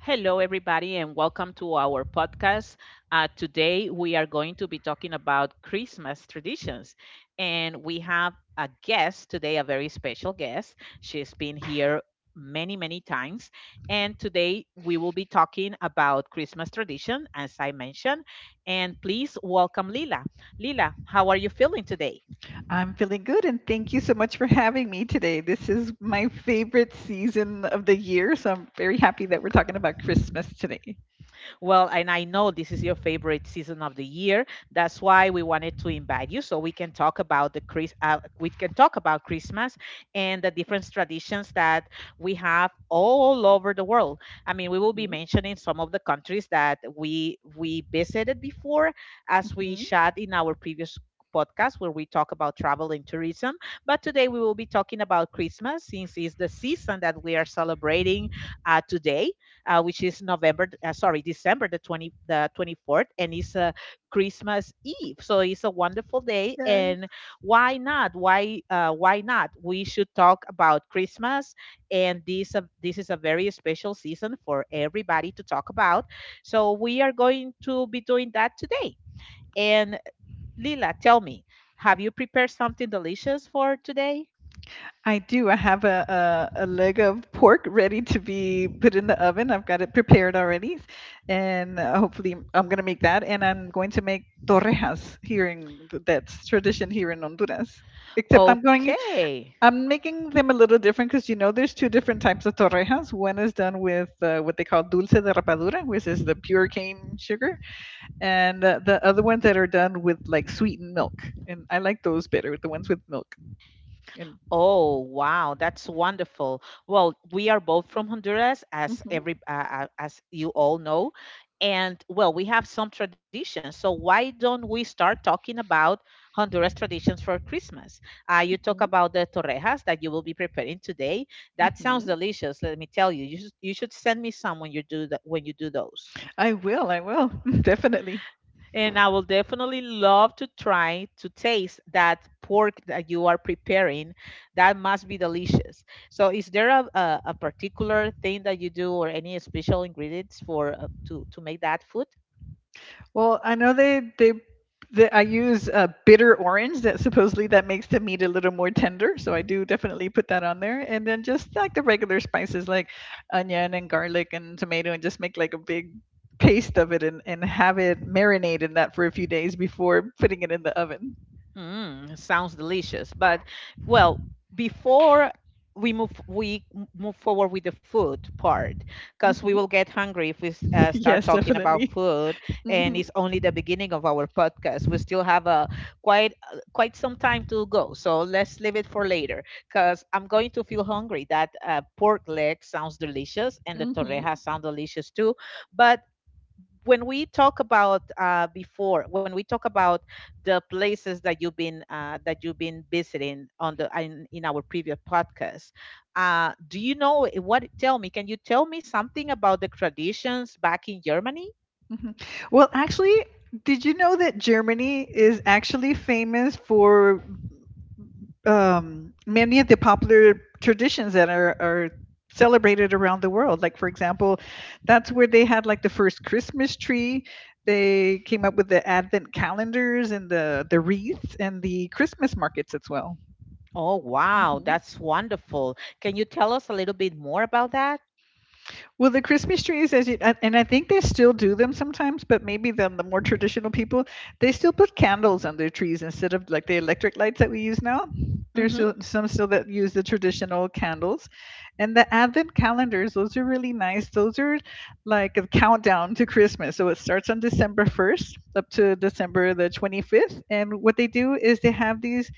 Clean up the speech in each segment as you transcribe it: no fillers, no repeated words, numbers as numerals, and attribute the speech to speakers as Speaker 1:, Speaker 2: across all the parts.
Speaker 1: Hello, everybody, and welcome to our podcast. Today, we are going to be talking about Christmas traditions. And we have a guest today, a very special guest. She's been here many, many times. And today, we will be talking about Christmas tradition, as I mentioned. And please welcome Lila. Lila, how are you feeling today?
Speaker 2: I'm feeling good and thank you so much for having me today. This is my favorite season of the year, so I'm very happy that we're talking about Christmas today.
Speaker 1: Well, and I know this is your favorite season of the year. That's why we wanted to invite you so we can talk about the Chris we can talk about Christmas and the different traditions that we have all over the world. I mean, we will be
Speaker 2: Mhm,
Speaker 1: mentioning some of the countries that we visited before as we
Speaker 2: mhm.
Speaker 1: chat in our previous podcast where we talk about travel and tourism, but today we will be talking about Christmas since it's the season that we are celebrating today, which is December the 24th, and it's Christmas Eve. So it's a wonderful day,
Speaker 2: Yes.
Speaker 1: and why not? Why not? We should talk about Christmas, and this is a very special season for everybody to talk about. So we are going to be doing that today. And Lila, tell me, have you prepared something delicious for today?
Speaker 2: I do. I have a leg of pork ready to be put in the oven. I've got it prepared already, and hopefully I'm going to make that. And I'm going to make torrejas here in that's tradition here in Honduras. Except I'm going.
Speaker 1: Okay.
Speaker 2: I'm making them a little different because you know there's two different types of torrejas. One is done with what they call dulce de rapadura, which is the pure cane sugar, and the other ones that are done with like sweetened milk. And I like those better, the ones with milk. And
Speaker 1: Oh, wow, that's wonderful. Well, we are both from Honduras, as
Speaker 2: Hmm,
Speaker 1: every as you all know, and well, we have some traditions. So why don't we start talking about Honduras traditions for Christmas? You talk
Speaker 2: hmm,
Speaker 1: about the torrejas that you will be preparing today. That sounds
Speaker 2: hmm.
Speaker 1: delicious. Let me tell you, you should send me some when you do that when you do those.
Speaker 2: I will, definitely.
Speaker 1: And I will definitely love to try to taste that pork that you are preparing. That must be delicious. So, is there a particular thing that you do or any special ingredients for to make that food?
Speaker 2: Well, I know they I use bitter orange that supposedly that makes the meat a little more tender. So I do definitely put that on there, and then just like the regular spices like onion and garlic and tomato, and just make like a big paste of it and have it marinate in that for a few days before putting it in the oven.
Speaker 1: Mm, sounds delicious. But well, before we move we m- move forward with the food part because we will
Speaker 2: Hmm.
Speaker 1: get hungry if start
Speaker 2: Yes,
Speaker 1: talking about
Speaker 2: definitely.
Speaker 1: food, and
Speaker 2: Hmm,
Speaker 1: it's only the beginning of our podcast. We still have a quite quite some time to go, so let's leave it for later because I'm going to feel hungry. That pork leg sounds delicious, and the
Speaker 2: hmm,
Speaker 1: torreja sound delicious too. But when we talk about the places that you've been, that you've been visiting in our previous podcast, do you know, eh, what tell me, can you tell me something about the traditions back in Germany?
Speaker 2: hmm. Well, actually, did you know that Germany is actually famous for many of the popular traditions that are celebrated around the world. Like, for example, that's where they had like the first Christmas tree. They came up with the advent calendars and the wreaths and the Christmas markets as well.
Speaker 1: Oh wow,
Speaker 2: Mm-hmm.
Speaker 1: that's wonderful. Can you tell us a little bit more about that?
Speaker 2: Well, the Christmas trees, as you, and I think they still do them sometimes, but maybe the more traditional people, they still put candles on their trees instead of like the electric lights that we use now. There's
Speaker 1: Hmm.
Speaker 2: still, some still that use the traditional candles. And the advent calendars, those are really nice. Those are like a countdown to Christmas. So it starts on December 1st up to December the 25th. And what they do is they have these.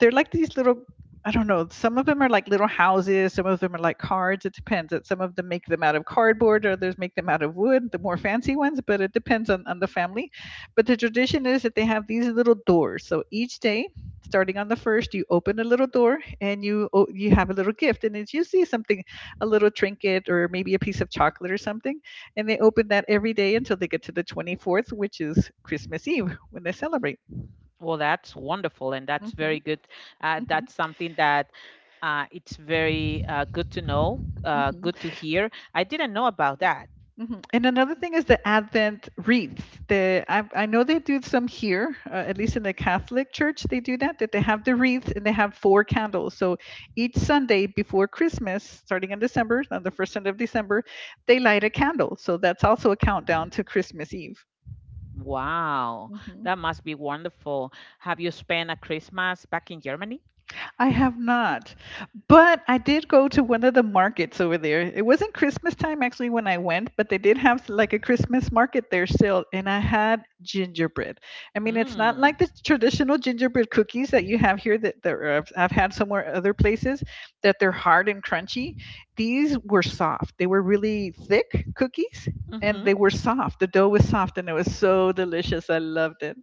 Speaker 2: They're like these little. I don't know. Some of them are like little houses. Some of them are like cards. It depends. That Some of them make them out of cardboard. Others make them out of wood. The more fancy ones, but it depends on the family. But the tradition is that they have these little doors. So each day, starting on the first, you open a little door and you have a little gift, and it's usually something, a little trinket or maybe a piece of chocolate or something. And they open that every day until they get to the 24th, which is Christmas Eve when they celebrate.
Speaker 1: Well, that's wonderful, and that's
Speaker 2: Hmm,
Speaker 1: very good.
Speaker 2: hmm,
Speaker 1: That's something that it's very good to know,
Speaker 2: hmm.
Speaker 1: good to hear. I didn't know about that.
Speaker 2: Mhm. And another thing is the Advent wreaths. I know they do some here, at least in the Catholic Church, they do that. That they have the wreaths and they have four candles. So each Sunday before Christmas, starting in December, on the first Sunday of December, they light a candle. So that's also a countdown to Christmas Eve.
Speaker 1: Wow, that must be wonderful. Have you spent a Christmas back in Germany?
Speaker 2: I have not. But I did go to one of the markets over there. It wasn't Christmas time actually when I went, but they did have like a Christmas market there still, and I had gingerbread. I mean, it's not
Speaker 1: Mm.
Speaker 2: like the traditional gingerbread cookies that you have here that, that are- I've had somewhere other places that they're hard and crunchy. These were soft. They were really thick cookies, and
Speaker 1: Mm-hmm.
Speaker 2: they were soft. The dough was soft, and it was so delicious. I loved it.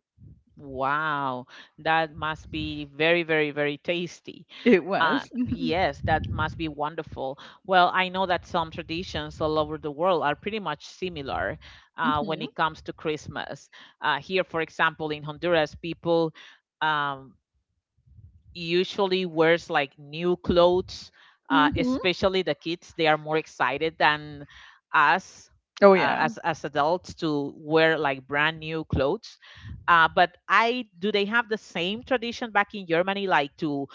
Speaker 1: Wow, that must be very, very, very tasty.
Speaker 2: It was.
Speaker 1: Yes, that must be wonderful. Well, I know that some traditions all over the world are pretty much similar when
Speaker 2: Hmm,
Speaker 1: it comes to Christmas. Here, for example, in Honduras, people um, usually wears like new clothes,
Speaker 2: hmm, hmm.
Speaker 1: especially the kids. They are more excited than us
Speaker 2: Oh, yeah.
Speaker 1: as adults to wear like brand new clothes. But I do they have the same tradition back in Germany, like to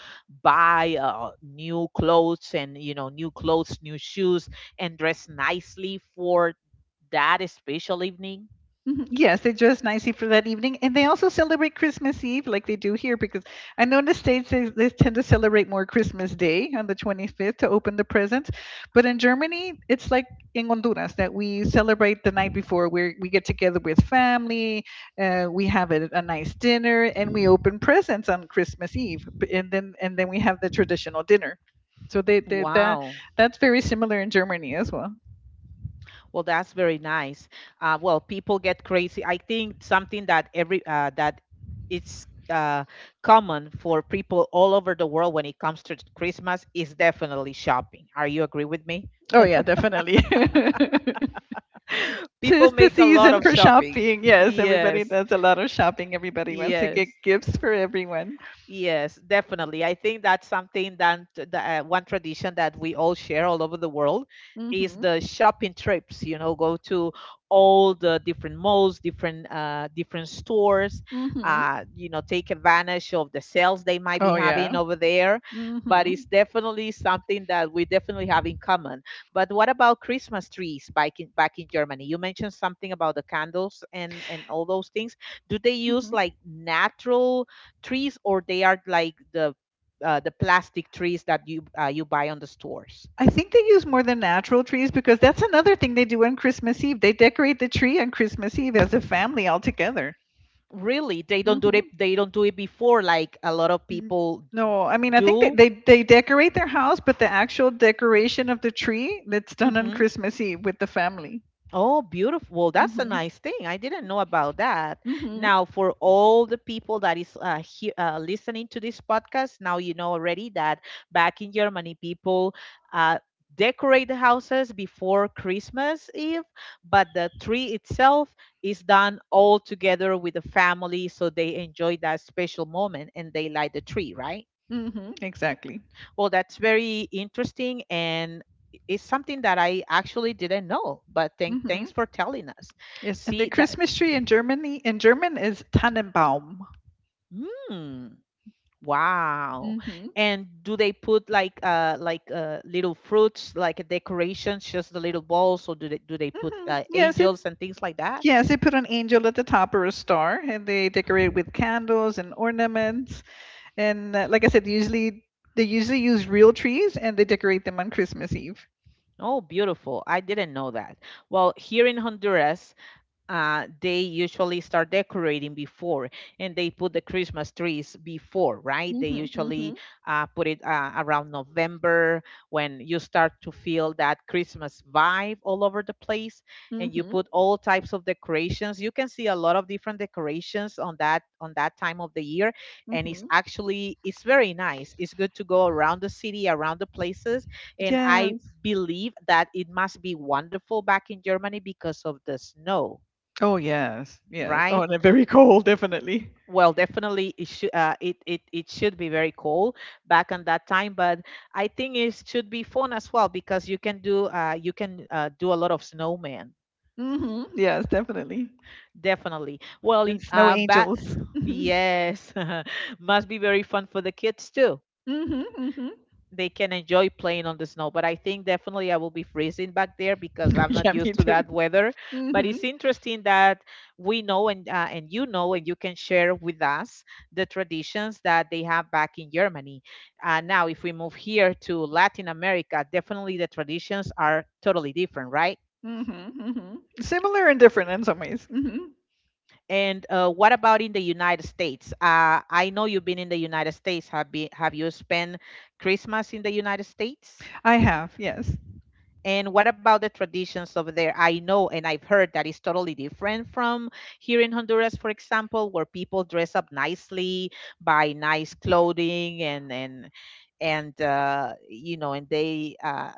Speaker 1: buy new clothes, and you know, new clothes, new shoes, and dress nicely for that special evening?
Speaker 2: Mhm. Yes, they dress nicely for that evening, and they also celebrate Christmas Eve like they do here. Because I know in the States they tend to celebrate more Christmas Day on the 25th to open the presents, but in Germany it's like in Honduras that we celebrate the night before. Where we get together with family, we have a nice dinner, and we open presents on Christmas Eve, and then we have the traditional dinner. So they that
Speaker 1: Wow.
Speaker 2: that's very similar in Germany as well.
Speaker 1: Well, that's very nice. Well, people get crazy. I think something that every that it's common for people all over the world when it comes to Christmas is definitely shopping. Are you agree with me?
Speaker 2: Oh yeah, definitely.
Speaker 1: People
Speaker 2: Tis the
Speaker 1: make a lot
Speaker 2: season
Speaker 1: of
Speaker 2: for
Speaker 1: shopping.
Speaker 2: shopping. Yes, everybody
Speaker 1: Yes,
Speaker 2: does a lot of shopping. Everybody wants to get
Speaker 1: yes.
Speaker 2: gifts for everyone.
Speaker 1: Yes, definitely. I think that's something that the one tradition that we all share all over the world is
Speaker 2: Mhm.
Speaker 1: the shopping trips. You know, go to all the different malls, different stores.
Speaker 2: Mhm.
Speaker 1: You know, take advantage of the sales they might be
Speaker 2: Oh yeah.
Speaker 1: having over there. But it's
Speaker 2: Mhm.
Speaker 1: definitely something that we definitely have in common. But what about Christmas trees back in Germany? You mentioned something about the candles and all those things. Do they use
Speaker 2: Mhm.
Speaker 1: like natural trees, or they are like the plastic trees that you buy on the stores?
Speaker 2: I think they use more than natural trees because that's another thing they do on Christmas Eve. They decorate the tree on Christmas Eve as a family all together.
Speaker 1: Really, they don't do it.
Speaker 2: Mhm.
Speaker 1: They don't do it before like a lot of
Speaker 2: Mm.
Speaker 1: people
Speaker 2: No, I mean I think that
Speaker 1: do.
Speaker 2: they decorate their house, but the actual decoration of the tree that's done on
Speaker 1: Hmm.
Speaker 2: Christmas Eve with the family.
Speaker 1: Oh, beautiful. Well, that's a
Speaker 2: Mhm.
Speaker 1: nice thing. I didn't know about that.
Speaker 2: Mhm.
Speaker 1: Now, for all the people that is listening to this podcast, now you know already that back in Germany, people uh, decorate the houses before Christmas Eve, but the tree itself is done all together with the family, so they enjoy that special moment and they light the tree, right?
Speaker 2: Mhm. Exactly.
Speaker 1: Well, that's very interesting, and it's something that I actually didn't know. But thanks
Speaker 2: Mhm.
Speaker 1: for telling us.
Speaker 2: Yes, and the
Speaker 1: See that,
Speaker 2: Christmas tree in Germany in German is Tannenbaum.
Speaker 1: mm, wow.
Speaker 2: Mm-hmm.
Speaker 1: And do they put like little fruits, like decorations, just the little balls, or do they put
Speaker 2: Hmm. Yes, it
Speaker 1: angels and things like that?
Speaker 2: yes, they put an angel at the top or a star, and they decorate with candles and ornaments. And like I said, usually they usually use real trees, and they decorate them on Christmas Eve.
Speaker 1: Oh, beautiful. I didn't know that. Well, here in Honduras, they usually start decorating before and they put the Christmas trees before, right? They
Speaker 2: Mm-hmm.
Speaker 1: usually
Speaker 2: Mm-hmm.
Speaker 1: put it around November when you start to feel that Christmas vibe all over the place, and you
Speaker 2: Mm-hmm.
Speaker 1: put all types of decorations. You can see a lot of different decorations on that time of the year, and it's
Speaker 2: Mm-hmm.
Speaker 1: actually it's very nice. It's good to go around the city, around the places, and I
Speaker 2: Yes.
Speaker 1: believe that it must be wonderful back in Germany because of the snow,
Speaker 2: Oh yes, yes. Oh,
Speaker 1: right?
Speaker 2: and they're very cold, definitely.
Speaker 1: Well, definitely it should it it should be very cool back on that time, but I think it should be fun as well because you can do a lot of snowmen.
Speaker 2: Mm-hmm. Yes, definitely.
Speaker 1: Definitely. Well,
Speaker 2: And
Speaker 1: in
Speaker 2: snow
Speaker 1: back
Speaker 2: angels. Mm-hmm.
Speaker 1: yes, must be very fun for the kids too.
Speaker 2: Mm-hmm. Mm-hmm.
Speaker 1: They can enjoy playing on the snow. But I think definitely I will be freezing back there because I'm not
Speaker 2: Yeah,
Speaker 1: used
Speaker 2: me
Speaker 1: to
Speaker 2: too.
Speaker 1: that weather.
Speaker 2: Mm.
Speaker 1: But
Speaker 2: Mhm.
Speaker 1: it's interesting that we know, and you know, and you can share with us the traditions that they have back in Germany. Now, if we move here to Latin America, definitely the traditions are totally different, right?
Speaker 2: Mm. Mhm. Mm. Mhm. Similar and different in some ways. Mm. Mhm.
Speaker 1: And what about in the United States? I know you've been in the United States. Have you spent Christmas in the United States?
Speaker 2: I have, yes.
Speaker 1: And what about the traditions over there? I know and I've heard that it's totally different from here in Honduras, for example, where people dress up nicely, buy nice clothing, and you know, and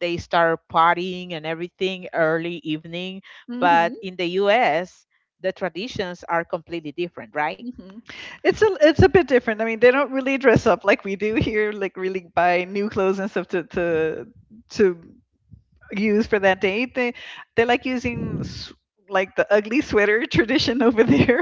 Speaker 1: they start partying and everything early evening.
Speaker 2: Mm.
Speaker 1: But
Speaker 2: Mhm.
Speaker 1: in the U.S., the traditions are completely different, right?
Speaker 2: Mm. Mhm. It's a bit different. I mean, they don't really dress up like we do here, like really buy new clothes and stuff to use for that date. They like using like the ugly sweater tradition over there.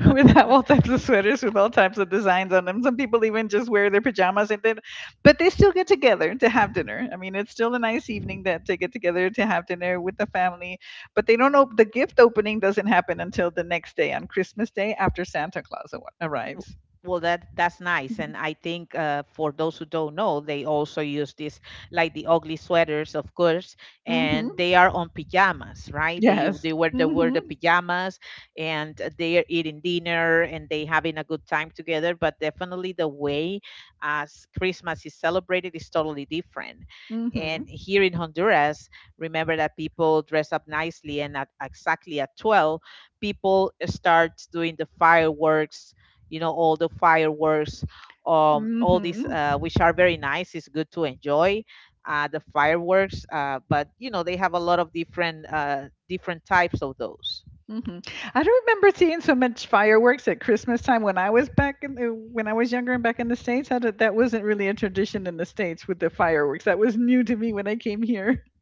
Speaker 2: With all types of sweaters with all types of designs on them. Some people even just wear their pajamas and then, but they still get together to have dinner. I mean, it's still a nice evening that they get together to have dinner with the family. But they don't know op- the gift opening doesn't happen until the next day on Christmas Day after Santa Claus
Speaker 1: W-
Speaker 2: arrives.
Speaker 1: Well, that that's nice,
Speaker 2: Mm-hmm.
Speaker 1: and I think for those who don't know, they also use this like the ugly sweaters, of course,
Speaker 2: Mm-hmm.
Speaker 1: and they are on pajamas, right?
Speaker 2: Yes.
Speaker 1: They wear the
Speaker 2: Mm-hmm.
Speaker 1: pajamas, and they are eating dinner and they having a good time together. But definitely the way as Christmas is celebrated is totally different. And
Speaker 2: Mm-hmm.
Speaker 1: here in Honduras, remember that people dress up nicely, and at exactly at 12, people start doing the fireworks, you know, all the fireworks, um, all these
Speaker 2: Mm-hmm.
Speaker 1: which are very nice. It's good to enjoy the fireworks, but you know they have a lot of different different types of those.
Speaker 2: Mhm. I don't remember seeing so much fireworks at Christmas time when I was back when I was younger and back in the States. I don't- That wasn't really a tradition in the States with the fireworks. That was new to me when I came here.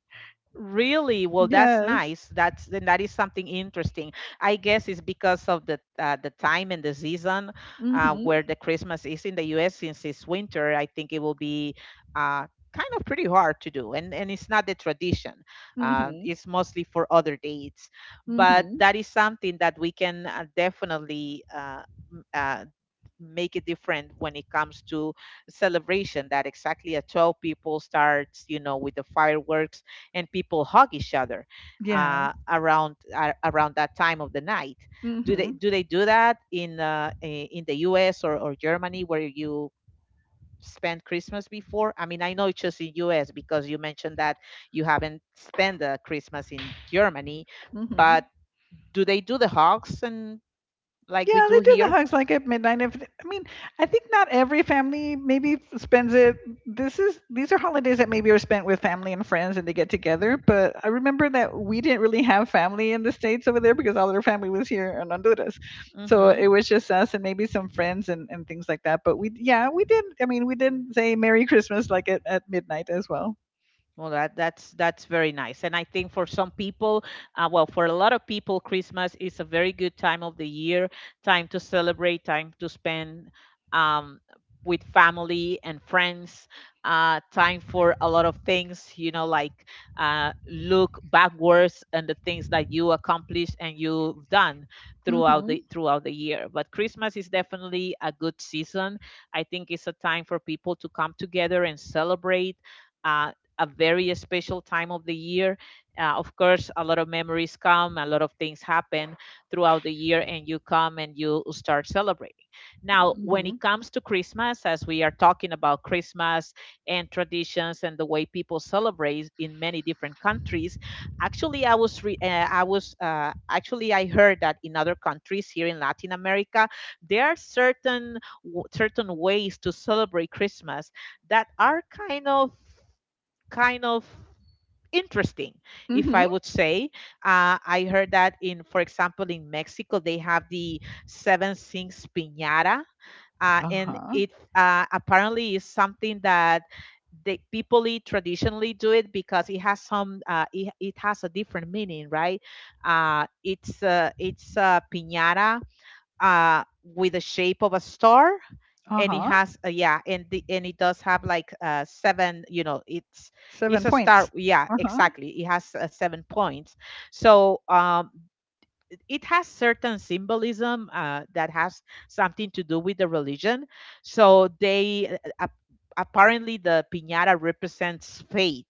Speaker 1: Really? Well, that's
Speaker 2: Yes.
Speaker 1: nice. That's then that is something interesting. I guess it's because of the time and the season
Speaker 2: Mhm.
Speaker 1: where the Christmas is in the U.S. Since it's winter, I think it will be uh, kind of pretty hard to do, and it's not the tradition.
Speaker 2: Mhm.
Speaker 1: It's mostly for other dates, but
Speaker 2: Mhm.
Speaker 1: that is something that we can definitely m- uh, make it different when it comes to celebration. That exactly at 12 people starts, you know, with the fireworks, and people hug each other
Speaker 2: Yeah.
Speaker 1: around that time of the night. Do
Speaker 2: Mhm.
Speaker 1: they do that in in the US, or Germany where you spend Christmas before? I mean, I know it's just in US because you mentioned that you haven't spent Christmas in Germany,
Speaker 2: Mhm.
Speaker 1: but do they do the hugs and like we
Speaker 2: Yeah,
Speaker 1: do
Speaker 2: they do the
Speaker 1: here?
Speaker 2: hugs like at midnight. If I mean, I think not every family maybe spends it. This is These are holidays that maybe are spent with family and friends, and they get together. But I remember that we didn't really have family in the States over there because all their family was here in Honduras, so
Speaker 1: Hmm.
Speaker 2: it was just us and maybe some friends and things like that. But we, yeah, we did. I mean, we didn't say Merry Christmas like at midnight as well.
Speaker 1: Well, that that's very nice, and I think for some people, well, for a lot of people, Christmas is a very good time of the year, time to celebrate, time to spend um, with family and friends, time for a lot of things. Like look backwards and the things that you accomplished and you've done throughout the
Speaker 2: Mm-hmm.
Speaker 1: year. But Christmas is definitely a good season. I think it's a time for people to come together and celebrate. Uh, a very special time of the year. Of course, a lot of memories come, a lot of things happen throughout the year, and you come and you start celebrating. Now, when
Speaker 2: Mm-hmm.
Speaker 1: it comes to Christmas, as we are talking about Christmas and traditions and the way people celebrate in many different countries, actually, I was re- I was actually, I heard that in other countries here in Latin America, there are certain ways to celebrate Christmas that are kind of interesting, if
Speaker 2: Mm-hmm.
Speaker 1: I would say. I heard that, in, for example, in Mexico, they have the seven sings piñata.
Speaker 2: Uh
Speaker 1: And
Speaker 2: huh.
Speaker 1: it, apparently is something that the people eat, traditionally do it, because it has a different meaning, right? It's a piñata, with the shape of a star,
Speaker 2: Uh
Speaker 1: and it
Speaker 2: huh.
Speaker 1: has, yeah, and the and it does have like, seven, you know, it's
Speaker 2: Seven
Speaker 1: a star,
Speaker 2: points.
Speaker 1: yeah,
Speaker 2: Uh huh.
Speaker 1: exactly, it has seven points. So, it has certain symbolism, that has something to do with the religion. So they, apparently, the piñata represents faith,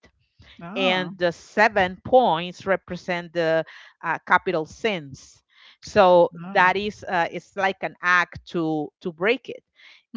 Speaker 1: and
Speaker 2: Ah.
Speaker 1: the seven points represent the capital sins. So
Speaker 2: Ah.
Speaker 1: that is, it's like an act to break it,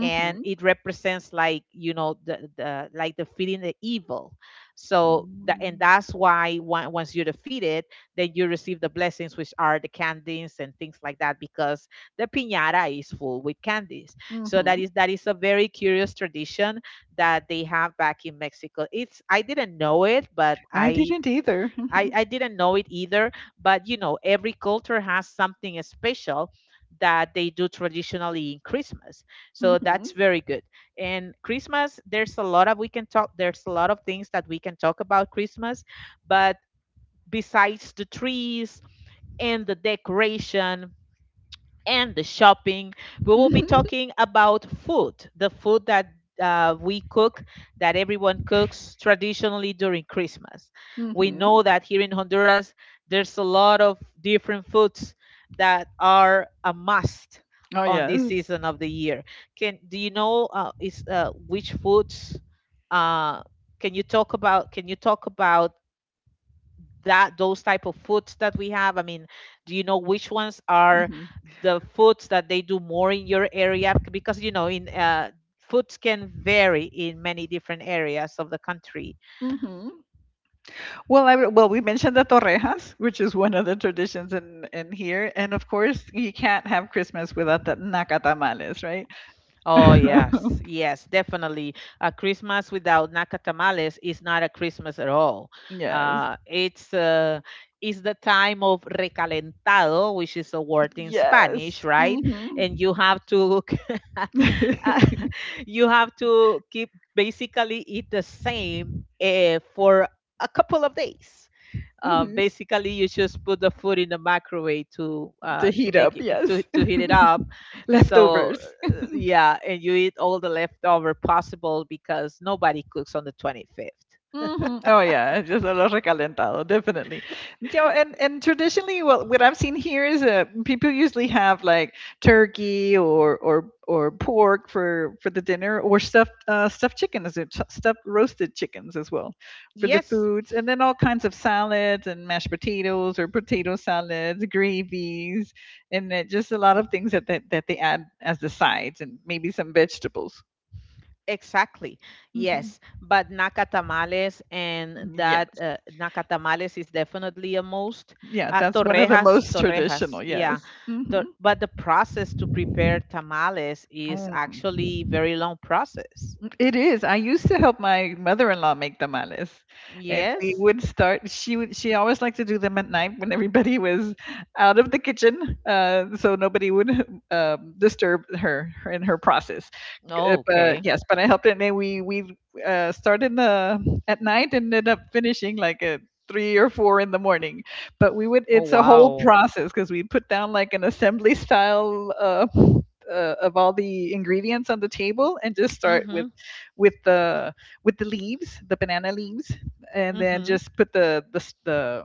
Speaker 1: and it represents, like, the, like, defeating the evil. So
Speaker 2: Mm.
Speaker 1: that's why, once you defeat it, then you receive the blessings, which are the candies and things like that, because the piñata is full with candies. So that
Speaker 2: Mhm.
Speaker 1: is that is a very curious tradition that they have back in Mexico. It's, I didn't know it, but
Speaker 2: I
Speaker 1: I
Speaker 2: didn't either.
Speaker 1: I,
Speaker 2: Mhm.
Speaker 1: I didn't know it either. But every culture has something special that they do traditionally in Christmas. So that's
Speaker 2: Mhm.
Speaker 1: very good. And Christmas, there's a lot of, we can talk, there's a lot of things that we can talk about Christmas, but besides the trees and the decoration and the shopping. We will be
Speaker 2: Mhm.
Speaker 1: talking about food, the food that we cook, that everyone cooks traditionally during Christmas. We know
Speaker 2: Mhm.
Speaker 1: that here in Honduras, there's a lot of different foods that are a must
Speaker 2: Oh
Speaker 1: on
Speaker 2: yes.
Speaker 1: this season of the year. Can, do you know, is which foods? Uh, can you talk about? Can you talk about, that those type of foods that we have? I mean, do you know which ones are
Speaker 2: Mhm.
Speaker 1: the foods that they do more in your area? Because, you know, in foods can vary in many different areas of the country.
Speaker 2: Mhm. Well, well we mentioned the torrejas, which is one of the traditions in here, and of course you can't have Christmas without the nacatamales, right?
Speaker 1: Oh yes, yes, definitely. A Christmas without naka tamales is not a Christmas at all.
Speaker 2: Yes.
Speaker 1: It's Is the time of recalentado, which is a word in
Speaker 2: Yes.
Speaker 1: Spanish, right?
Speaker 2: Mhm.
Speaker 1: And you have to uh,
Speaker 2: Mhm.
Speaker 1: you have to keep, basically eat the same, for a couple of days. Basically, you just put the food in the microwave to,
Speaker 2: To
Speaker 1: to
Speaker 2: heat up,
Speaker 1: make it
Speaker 2: yes.
Speaker 1: to heat it up. So
Speaker 2: Leftovers.
Speaker 1: uh, yeah, and you eat all the leftover possible because nobody cooks on the 25th.
Speaker 2: Mhm. Oh yeah, it's just a lot recalentado, definitely. So, and traditionally, well, what I've seen here is people usually have like turkey or pork for the dinner, or stuffed roasted chickens as well for the
Speaker 1: Yes.
Speaker 2: foods, and then all kinds of salads and mashed potatoes or potato salads, gravies, and just a lot of things that they add as the sides, and maybe some vegetables.
Speaker 1: Exactly.
Speaker 2: Hmm.
Speaker 1: Yes, but nacatamales, and that
Speaker 2: Yes.
Speaker 1: nacatamales is definitely a most.
Speaker 2: Yeah, that's one of the
Speaker 1: Torrejas,
Speaker 2: most
Speaker 1: torrejas.
Speaker 2: traditional,
Speaker 1: Yeah.
Speaker 2: yes. Mhm.
Speaker 1: But the process to prepare tamales is actually
Speaker 2: Mm.
Speaker 1: very long process.
Speaker 2: It is. I used to help my mother-in-law make tamales, and we
Speaker 1: Yes.
Speaker 2: would start. She would. She always liked to do them at night when everybody was out of the kitchen, so nobody would disturb her in her process.
Speaker 1: Oh,
Speaker 2: But
Speaker 1: okay.
Speaker 2: yes, but I helped, and then we started the at night and ended up finishing like at 3 or 4 in the morning. But we would.
Speaker 1: Oh,
Speaker 2: It's a whole
Speaker 1: wow.
Speaker 2: process because we put down like an assembly style. Of all the ingredients on the table and just start
Speaker 1: Mhm.
Speaker 2: with the with the leaves, the banana leaves, and then
Speaker 1: Mhm.
Speaker 2: just put the,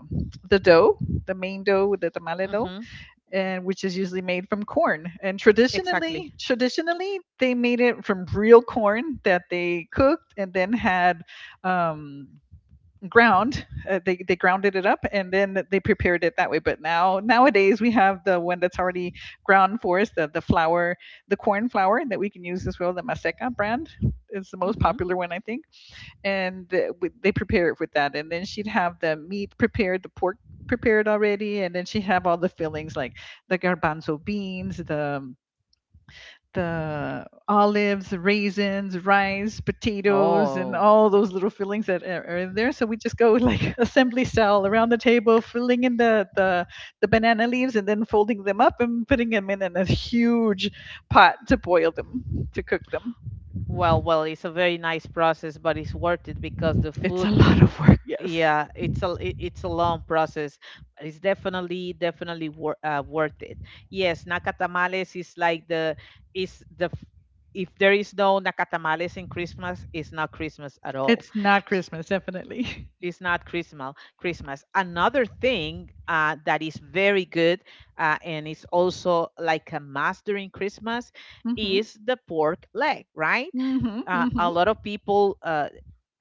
Speaker 2: the dough, the main dough, the tamale dough,
Speaker 1: Mhm.
Speaker 2: and which is usually made from corn. And
Speaker 1: Exactly.
Speaker 2: traditionally they made it from real corn that they cooked and then had um, ground. They grounded it up and then they prepared it that way. But nowadays we have the one that's already ground for us, the flour, the corn flour that we can use as well. The Maseca brand is the most
Speaker 1: Mhm.
Speaker 2: popular one I think, and they prepare it with that. And then she'd have the meat prepared, the pork prepared already, and then she have all the fillings like the garbanzo beans, the olives, raisins, rice, potatoes, and
Speaker 1: Oh.
Speaker 2: all those little fillings that are in there. So we just go like assembly style around the table, filling in the banana leaves and then folding them up and putting them in a huge pot to boil them, to cook them.
Speaker 1: Well, it's a very nice process, but it's worth it because the
Speaker 2: It's a
Speaker 1: food,
Speaker 2: lot of work, yes.
Speaker 1: yeah, it's a, it's a long process, but it's definitely, definitely worth it. Yes, nacatamales is like the, is the f- if there is no nacatamales in Christmas, it's not Christmas at all.
Speaker 2: It's not
Speaker 1: S-
Speaker 2: Christmas, definitely.
Speaker 1: it's not Christmas. Another thing, that is very good, and is also like a master in Christmas,
Speaker 2: Mm-hmm.
Speaker 1: is the pork leg, right?
Speaker 2: Mm-hmm.
Speaker 1: A
Speaker 2: Mm-hmm.
Speaker 1: lot of people,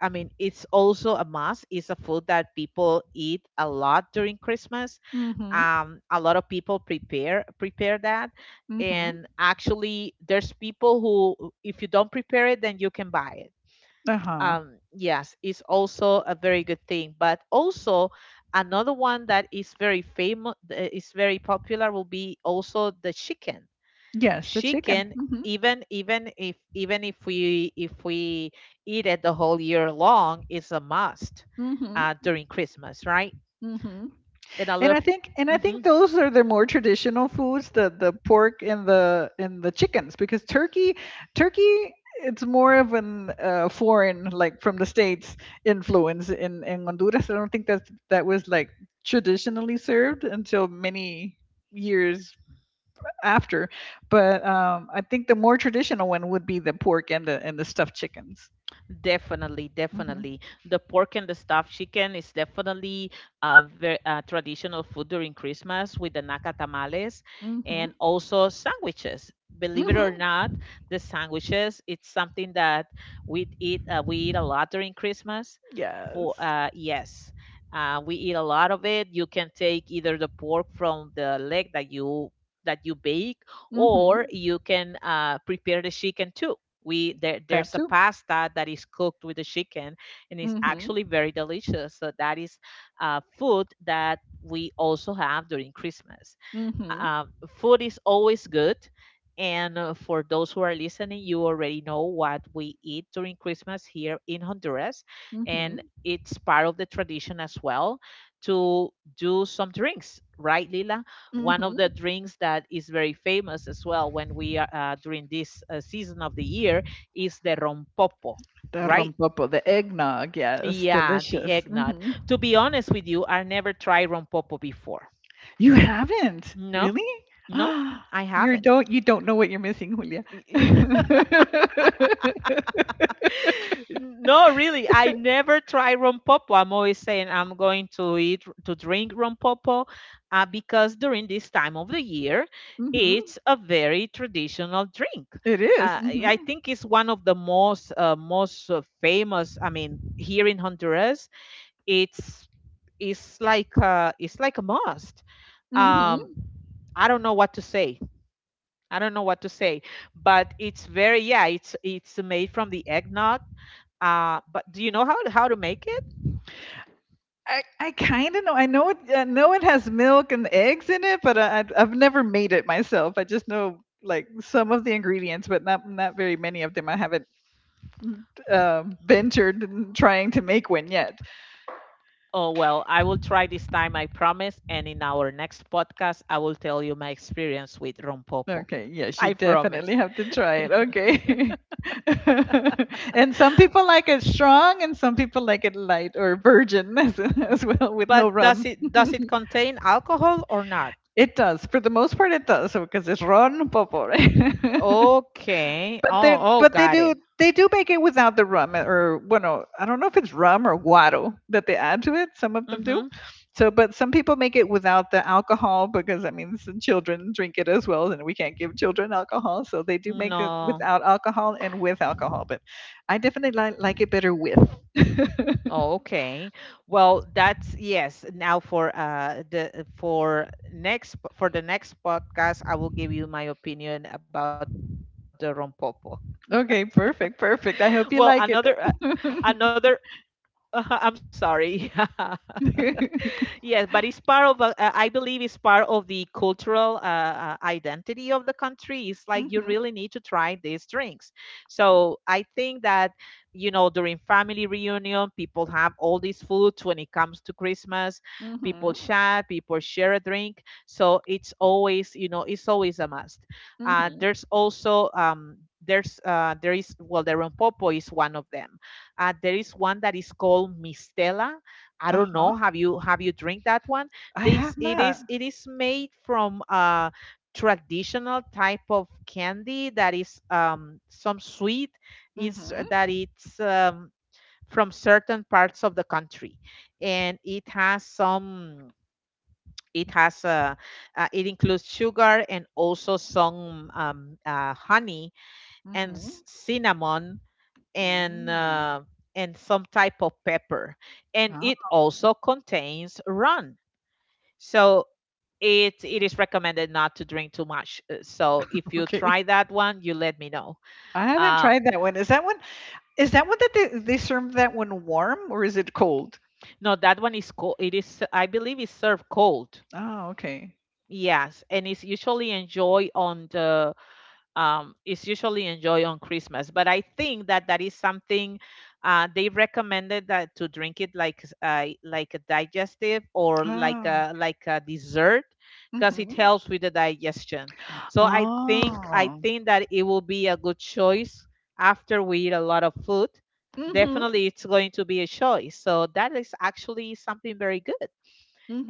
Speaker 1: I mean, it's also a must, it's a food that people eat a lot during Christmas.
Speaker 2: Mm-hmm.
Speaker 1: A lot of people prepare that,
Speaker 2: Mm-hmm.
Speaker 1: and actually there's people who, if you don't prepare it, then you can buy it.
Speaker 2: Uh-huh.
Speaker 1: Yes, it's also a very good thing, but also another one that is very famous, is very popular, will be also the chicken.
Speaker 2: Yes, the
Speaker 1: She
Speaker 2: chicken.
Speaker 1: can
Speaker 2: Mm-hmm.
Speaker 1: Even if we eat it the whole year long, it's a must,
Speaker 2: Mm-hmm.
Speaker 1: during Christmas, right?
Speaker 2: Mm-hmm.
Speaker 1: And a
Speaker 2: And
Speaker 1: little.
Speaker 2: I think and I think
Speaker 1: Mhm.
Speaker 2: those are the more traditional foods, the pork and the chickens, because turkey it's more of an foreign like from the states influence in Honduras. I don't think that that was like traditionally served until many years after. But I think the more traditional one would be the pork and the stuffed chickens.
Speaker 1: Definitely,
Speaker 2: Mm-hmm.
Speaker 1: definitely. The pork and the stuffed chicken is definitely a very traditional food during Christmas, with the naka tamales,
Speaker 2: Mm-hmm.
Speaker 1: and also sandwiches. Believe it or
Speaker 2: Mm-hmm.
Speaker 1: not, the sandwiches, it's something that we eat a lot during Christmas. For
Speaker 2: Yes.
Speaker 1: Yes, we eat a lot of it. You can take either the pork from the leg that you bake, or
Speaker 2: Mm-hmm.
Speaker 1: you can prepare the chicken too. we there,
Speaker 2: That
Speaker 1: there's a
Speaker 2: too.
Speaker 1: pasta that is cooked with the chicken, and it's
Speaker 2: Mm-hmm.
Speaker 1: actually very delicious, so that is food that we also have during Christmas.
Speaker 2: Mm-hmm.
Speaker 1: Food is always good. And, for those who are listening, you already know what we eat during Christmas here in Honduras.
Speaker 2: Mm-hmm.
Speaker 1: And it's part of the tradition as well, to do some drinks, right, Lila? One of the
Speaker 2: Mhm.
Speaker 1: drinks that is very famous as well, when we are, during this season of the year, is the rompopo,
Speaker 2: The
Speaker 1: right?
Speaker 2: rompopo, the eggnog. Yes,
Speaker 1: Yeah, the
Speaker 2: delicious.
Speaker 1: eggnog.
Speaker 2: Hmm.
Speaker 1: To be honest with you, I never tried rompopo before.
Speaker 2: You haven't?
Speaker 1: No,
Speaker 2: Really?
Speaker 1: no, I
Speaker 2: you
Speaker 1: haven't.
Speaker 2: don't you don't know what you're missing, Julia. Hmm.
Speaker 1: No, really, I never try rompopo. I'm always saying I'm going to eat to drink rompopo, because during this time of the year, it's a very traditional drink.
Speaker 2: It is.
Speaker 1: I
Speaker 2: Mm-hmm.
Speaker 1: think it's one of the most, most, famous. I mean, here in Honduras, it's it's like a must. Um,
Speaker 2: Mm-hmm.
Speaker 1: I don't know what to say. I don't know what to say, but it's very, yeah. It's made from the eggnog, but do you know how to make it?
Speaker 2: I kind of know. I know it. I know it has milk and eggs in it, but I've never made it myself. I just know like some of the ingredients, but not very many of them. I haven't ventured in trying to make one yet.
Speaker 1: Oh, well, I will try this time, I promise. And in our next podcast, I will tell you my experience with rompopo.
Speaker 2: Okay, yes, you
Speaker 1: I promise.
Speaker 2: definitely have to try it. Okay. And some people like it strong and some people like it light or virgin as well with no
Speaker 1: But does
Speaker 2: rum.
Speaker 1: it does it contain alcohol or not?
Speaker 2: It does. For the most part, it does because it's ron popo, right?
Speaker 1: Okay.
Speaker 2: But they
Speaker 1: Oh, oh,
Speaker 2: but they
Speaker 1: got
Speaker 2: do
Speaker 1: it.
Speaker 2: they do make it without the rum, or bueno, I don't know if it's rum or guaro that they add to it. Some of them do.
Speaker 1: Mm-hmm.
Speaker 2: So, but some people make it without the alcohol because I mean, some children drink it as well, and we can't give children alcohol, so they do make it
Speaker 1: No.
Speaker 2: without alcohol and with alcohol. But I definitely like it better with.
Speaker 1: Oh, okay. Well, that's, yes. Now, for the next podcast, I will give you my opinion about the rompopo.
Speaker 2: Okay, perfect,
Speaker 1: Well,
Speaker 2: perfect. I
Speaker 1: another,
Speaker 2: hope you like it.
Speaker 1: another, I'm sorry. Yeah. Yes, but it's part of, I believe it's part of the cultural, identity of the country. It's like you really
Speaker 2: Mhm,
Speaker 1: need to try these drinks. So I think that, during family reunion, people have all these foods. When it comes to Christmas, people
Speaker 2: mhm,
Speaker 1: chat, people share a drink. So it's always, it's always a must.
Speaker 2: mhm.
Speaker 1: There's also, there's there is well, the rompopo is one of them. There is one that is called mistela. I
Speaker 2: Uh
Speaker 1: don't know.
Speaker 2: huh.
Speaker 1: Have you drink that one?
Speaker 2: I
Speaker 1: This
Speaker 2: have
Speaker 1: It
Speaker 2: not.
Speaker 1: is, made from a traditional type of candy that is, some sweet, is
Speaker 2: Mhm,
Speaker 1: that it's from certain parts of the country, and it has some, it has uh, it includes sugar, and also some, honey, and
Speaker 2: mhm.
Speaker 1: cinnamon, and
Speaker 2: Mm.
Speaker 1: uh, and some type of pepper, and it
Speaker 2: Oh,
Speaker 1: also contains rum. So it is recommended not to drink too much. So if you
Speaker 2: okay.
Speaker 1: try that one, you let me know.
Speaker 2: I haven't
Speaker 1: um
Speaker 2: tried that one. Is that one that they serve that one warm or is it cold?
Speaker 1: no, that one is cold. It is, I believe, it's served cold.
Speaker 2: Oh, okay.
Speaker 1: Yes, and it's usually enjoyed on the, is usually enjoyed on Christmas. But I think that that is something, they recommended that to drink it like, like a digestive, or like
Speaker 2: Oh.
Speaker 1: a dessert, because it
Speaker 2: Hmm.
Speaker 1: helps with the digestion. So I think I
Speaker 2: Oh.
Speaker 1: think that it will be a good choice, after we eat a lot of food.
Speaker 2: Mm-hmm.
Speaker 1: Definitely, it's going to be a choice. So that is actually something very good.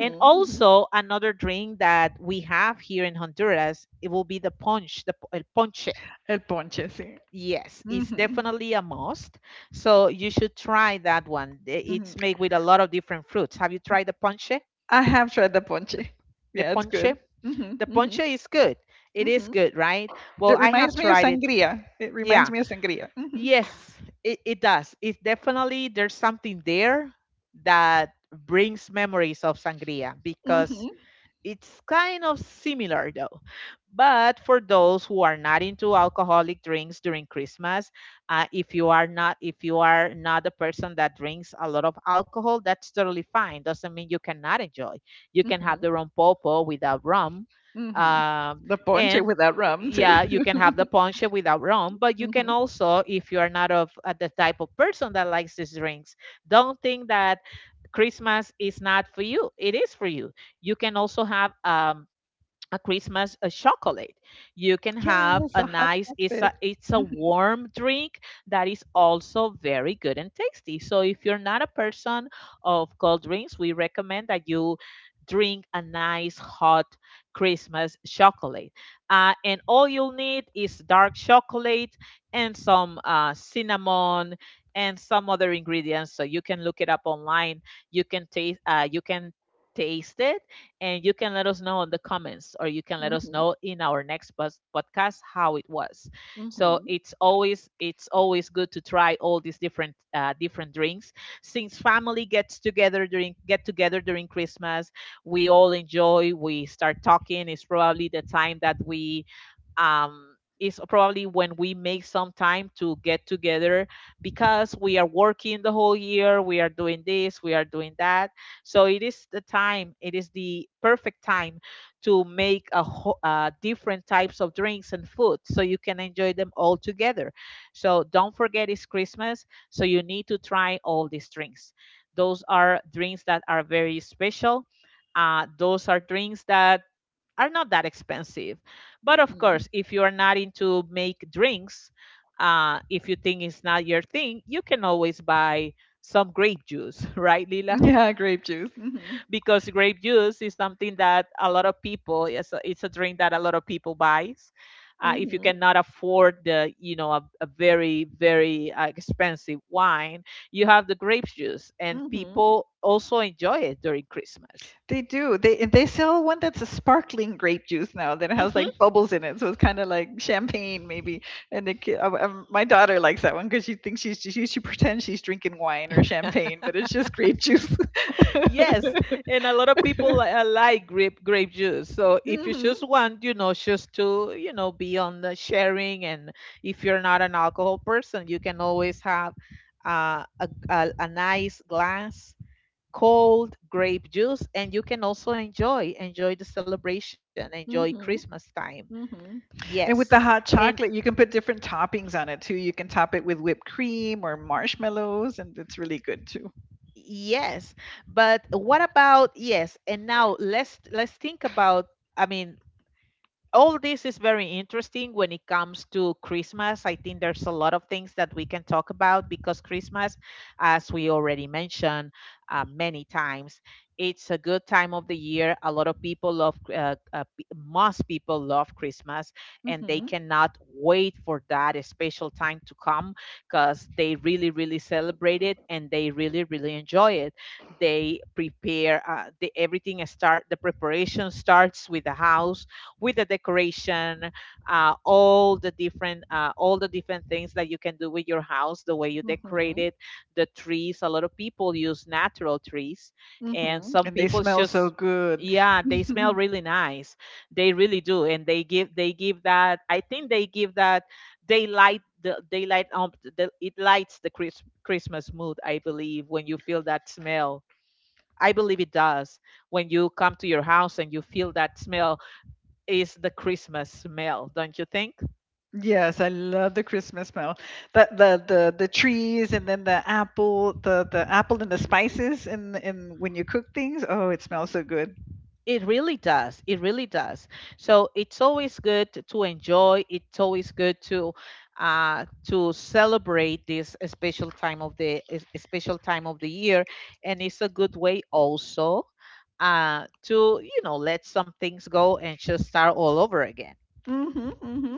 Speaker 1: And also another drink that we have here in Honduras, it will be the punch, the, el ponche.
Speaker 2: El ponche, si.
Speaker 1: Yes, it's
Speaker 2: Hmm.
Speaker 1: definitely a must. So you should try that one.
Speaker 2: Mm-hmm.
Speaker 1: It's made with a lot of different fruits. Have you tried the ponche?
Speaker 2: I have tried the
Speaker 1: The
Speaker 2: ponche.
Speaker 1: the
Speaker 2: Yeah, it's
Speaker 1: ponche?
Speaker 2: good. Hmm.
Speaker 1: The
Speaker 2: Hmm.
Speaker 1: ponche is good. It is
Speaker 2: Hmm.
Speaker 1: good, right? Well,
Speaker 2: It
Speaker 1: I have
Speaker 2: reminds me of
Speaker 1: tried it.
Speaker 2: sangria. It reminds
Speaker 1: Yeah.
Speaker 2: me of sangria. Hmm.
Speaker 1: Yes, it does. It's definitely, there's something there that brings memories of sangria, because
Speaker 2: Hmm.
Speaker 1: it's kind of similar, though. But for those who are not into alcoholic drinks during Christmas, if you are not, a person that drinks a lot of alcohol, that's totally fine. Doesn't mean you cannot enjoy. You can have
Speaker 2: Hmm.
Speaker 1: the rum popo without rum,
Speaker 2: Hmm.
Speaker 1: um,
Speaker 2: The ponche
Speaker 1: and
Speaker 2: without rum too.
Speaker 1: yeah, you can have the ponche without rum. But you can
Speaker 2: Mhm.
Speaker 1: also, if you are not of the type of person that likes these drinks, don't think that Christmas is not for you. It is for you. You can also have a Christmas chocolate. You can have
Speaker 2: Yes,
Speaker 1: a
Speaker 2: a hot
Speaker 1: nice
Speaker 2: topic.
Speaker 1: it's a
Speaker 2: Mm-hmm.
Speaker 1: warm drink that is also very good and tasty. So if you're not a person of cold drinks, we recommend that you drink a nice hot Christmas chocolate. And all you'll need is dark chocolate and some cinnamon and some other ingredients. So you can look it up online. You can taste it, and you can let us know in the comments, or you can let us know in our next podcast how it was. So
Speaker 2: Mm-hmm.
Speaker 1: it's always it's always good to try all these different drinks. Since family gets together during Christmas, we all enjoy. We start talking. It's probably the time that we, um, is probably when we make some time to get together, because we are working the whole year, we are doing this, we are doing that. So it is the time, it is the perfect time to make a whole, different types of drinks and food so you can enjoy them all together. So don't forget it's Christmas, so you need to try all these drinks. Those are drinks that are very special. Those are drinks that are not that expensive. But of
Speaker 2: Mm-hmm.
Speaker 1: course, if you are not into make drinks, if you think it's not your thing, you can always buy some grape juice, right, Lila?
Speaker 2: Yeah, grape juice. Mm-hmm.
Speaker 1: Because grape juice is something that a lot of people, it's a drink that a lot of people buys. If you
Speaker 2: Mm-hmm.
Speaker 1: cannot afford the, you know, a very, very expensive wine, you have the grape juice, and
Speaker 2: Mm-hmm.
Speaker 1: people also enjoy it during Christmas.
Speaker 2: They do. They sell one that's a sparkling grape juice now that has
Speaker 1: Hmm.
Speaker 2: like bubbles in it, so it's kind of like champagne maybe. And my daughter likes that one because she thinks she pretends she's drinking wine or champagne, but it's just grape juice.
Speaker 1: Yes, and a lot of people like grape juice. So if you just
Speaker 2: Mm-hmm.
Speaker 1: want, just to, be on the sharing, and if you're not an alcohol person, you can always have a nice glass cold grape juice, and you can also enjoy the celebration, enjoy
Speaker 2: Mm-hmm.
Speaker 1: Christmas time.
Speaker 2: Mhm.
Speaker 1: Yes,
Speaker 2: And with the hot
Speaker 1: and
Speaker 2: chocolate, you can put different toppings on it too. You can top it with whipped cream or marshmallows, and it's really good too.
Speaker 1: yes, but what about yes? And now let's think about. I mean, all this is very interesting when it comes to Christmas. I think there's a lot of things that we can talk about because Christmas, as we already mentioned many times, it's a good time of the year. A lot of people love, most people love Christmas, and they
Speaker 2: Mm-hmm.
Speaker 1: cannot wait for that special time to come because they really, really celebrate it and they really, really enjoy it. They prepare, everything start. The preparation starts with the house with the decoration, all the different things that you can do with your house, the way you decorate
Speaker 2: Mm-hmm.
Speaker 1: it, the trees. A lot of people use natural trees, and
Speaker 2: Mm-hmm.
Speaker 1: some
Speaker 2: And they
Speaker 1: people
Speaker 2: smell so
Speaker 1: just.
Speaker 2: good.
Speaker 1: Yeah, they smell
Speaker 2: Mhm.
Speaker 1: really nice, they really do, and they give that, I think, they give that they light the they light up the, it lights the Chris, christmas mood, I believe, when you feel that smell. I believe it does. When you come to your house and you feel that smell, is the Christmas smell, don't you think?
Speaker 2: Yes, I love the Christmas smell. The trees and then the apple and the spices in when you cook things. Oh, it smells so good.
Speaker 1: It really does. It really does. So it's always good to enjoy. It's always good to celebrate this special time of the special time of the year, and it's a good way also to let some things go and just start all over again.
Speaker 2: Mm-hmm. Mm-hmm.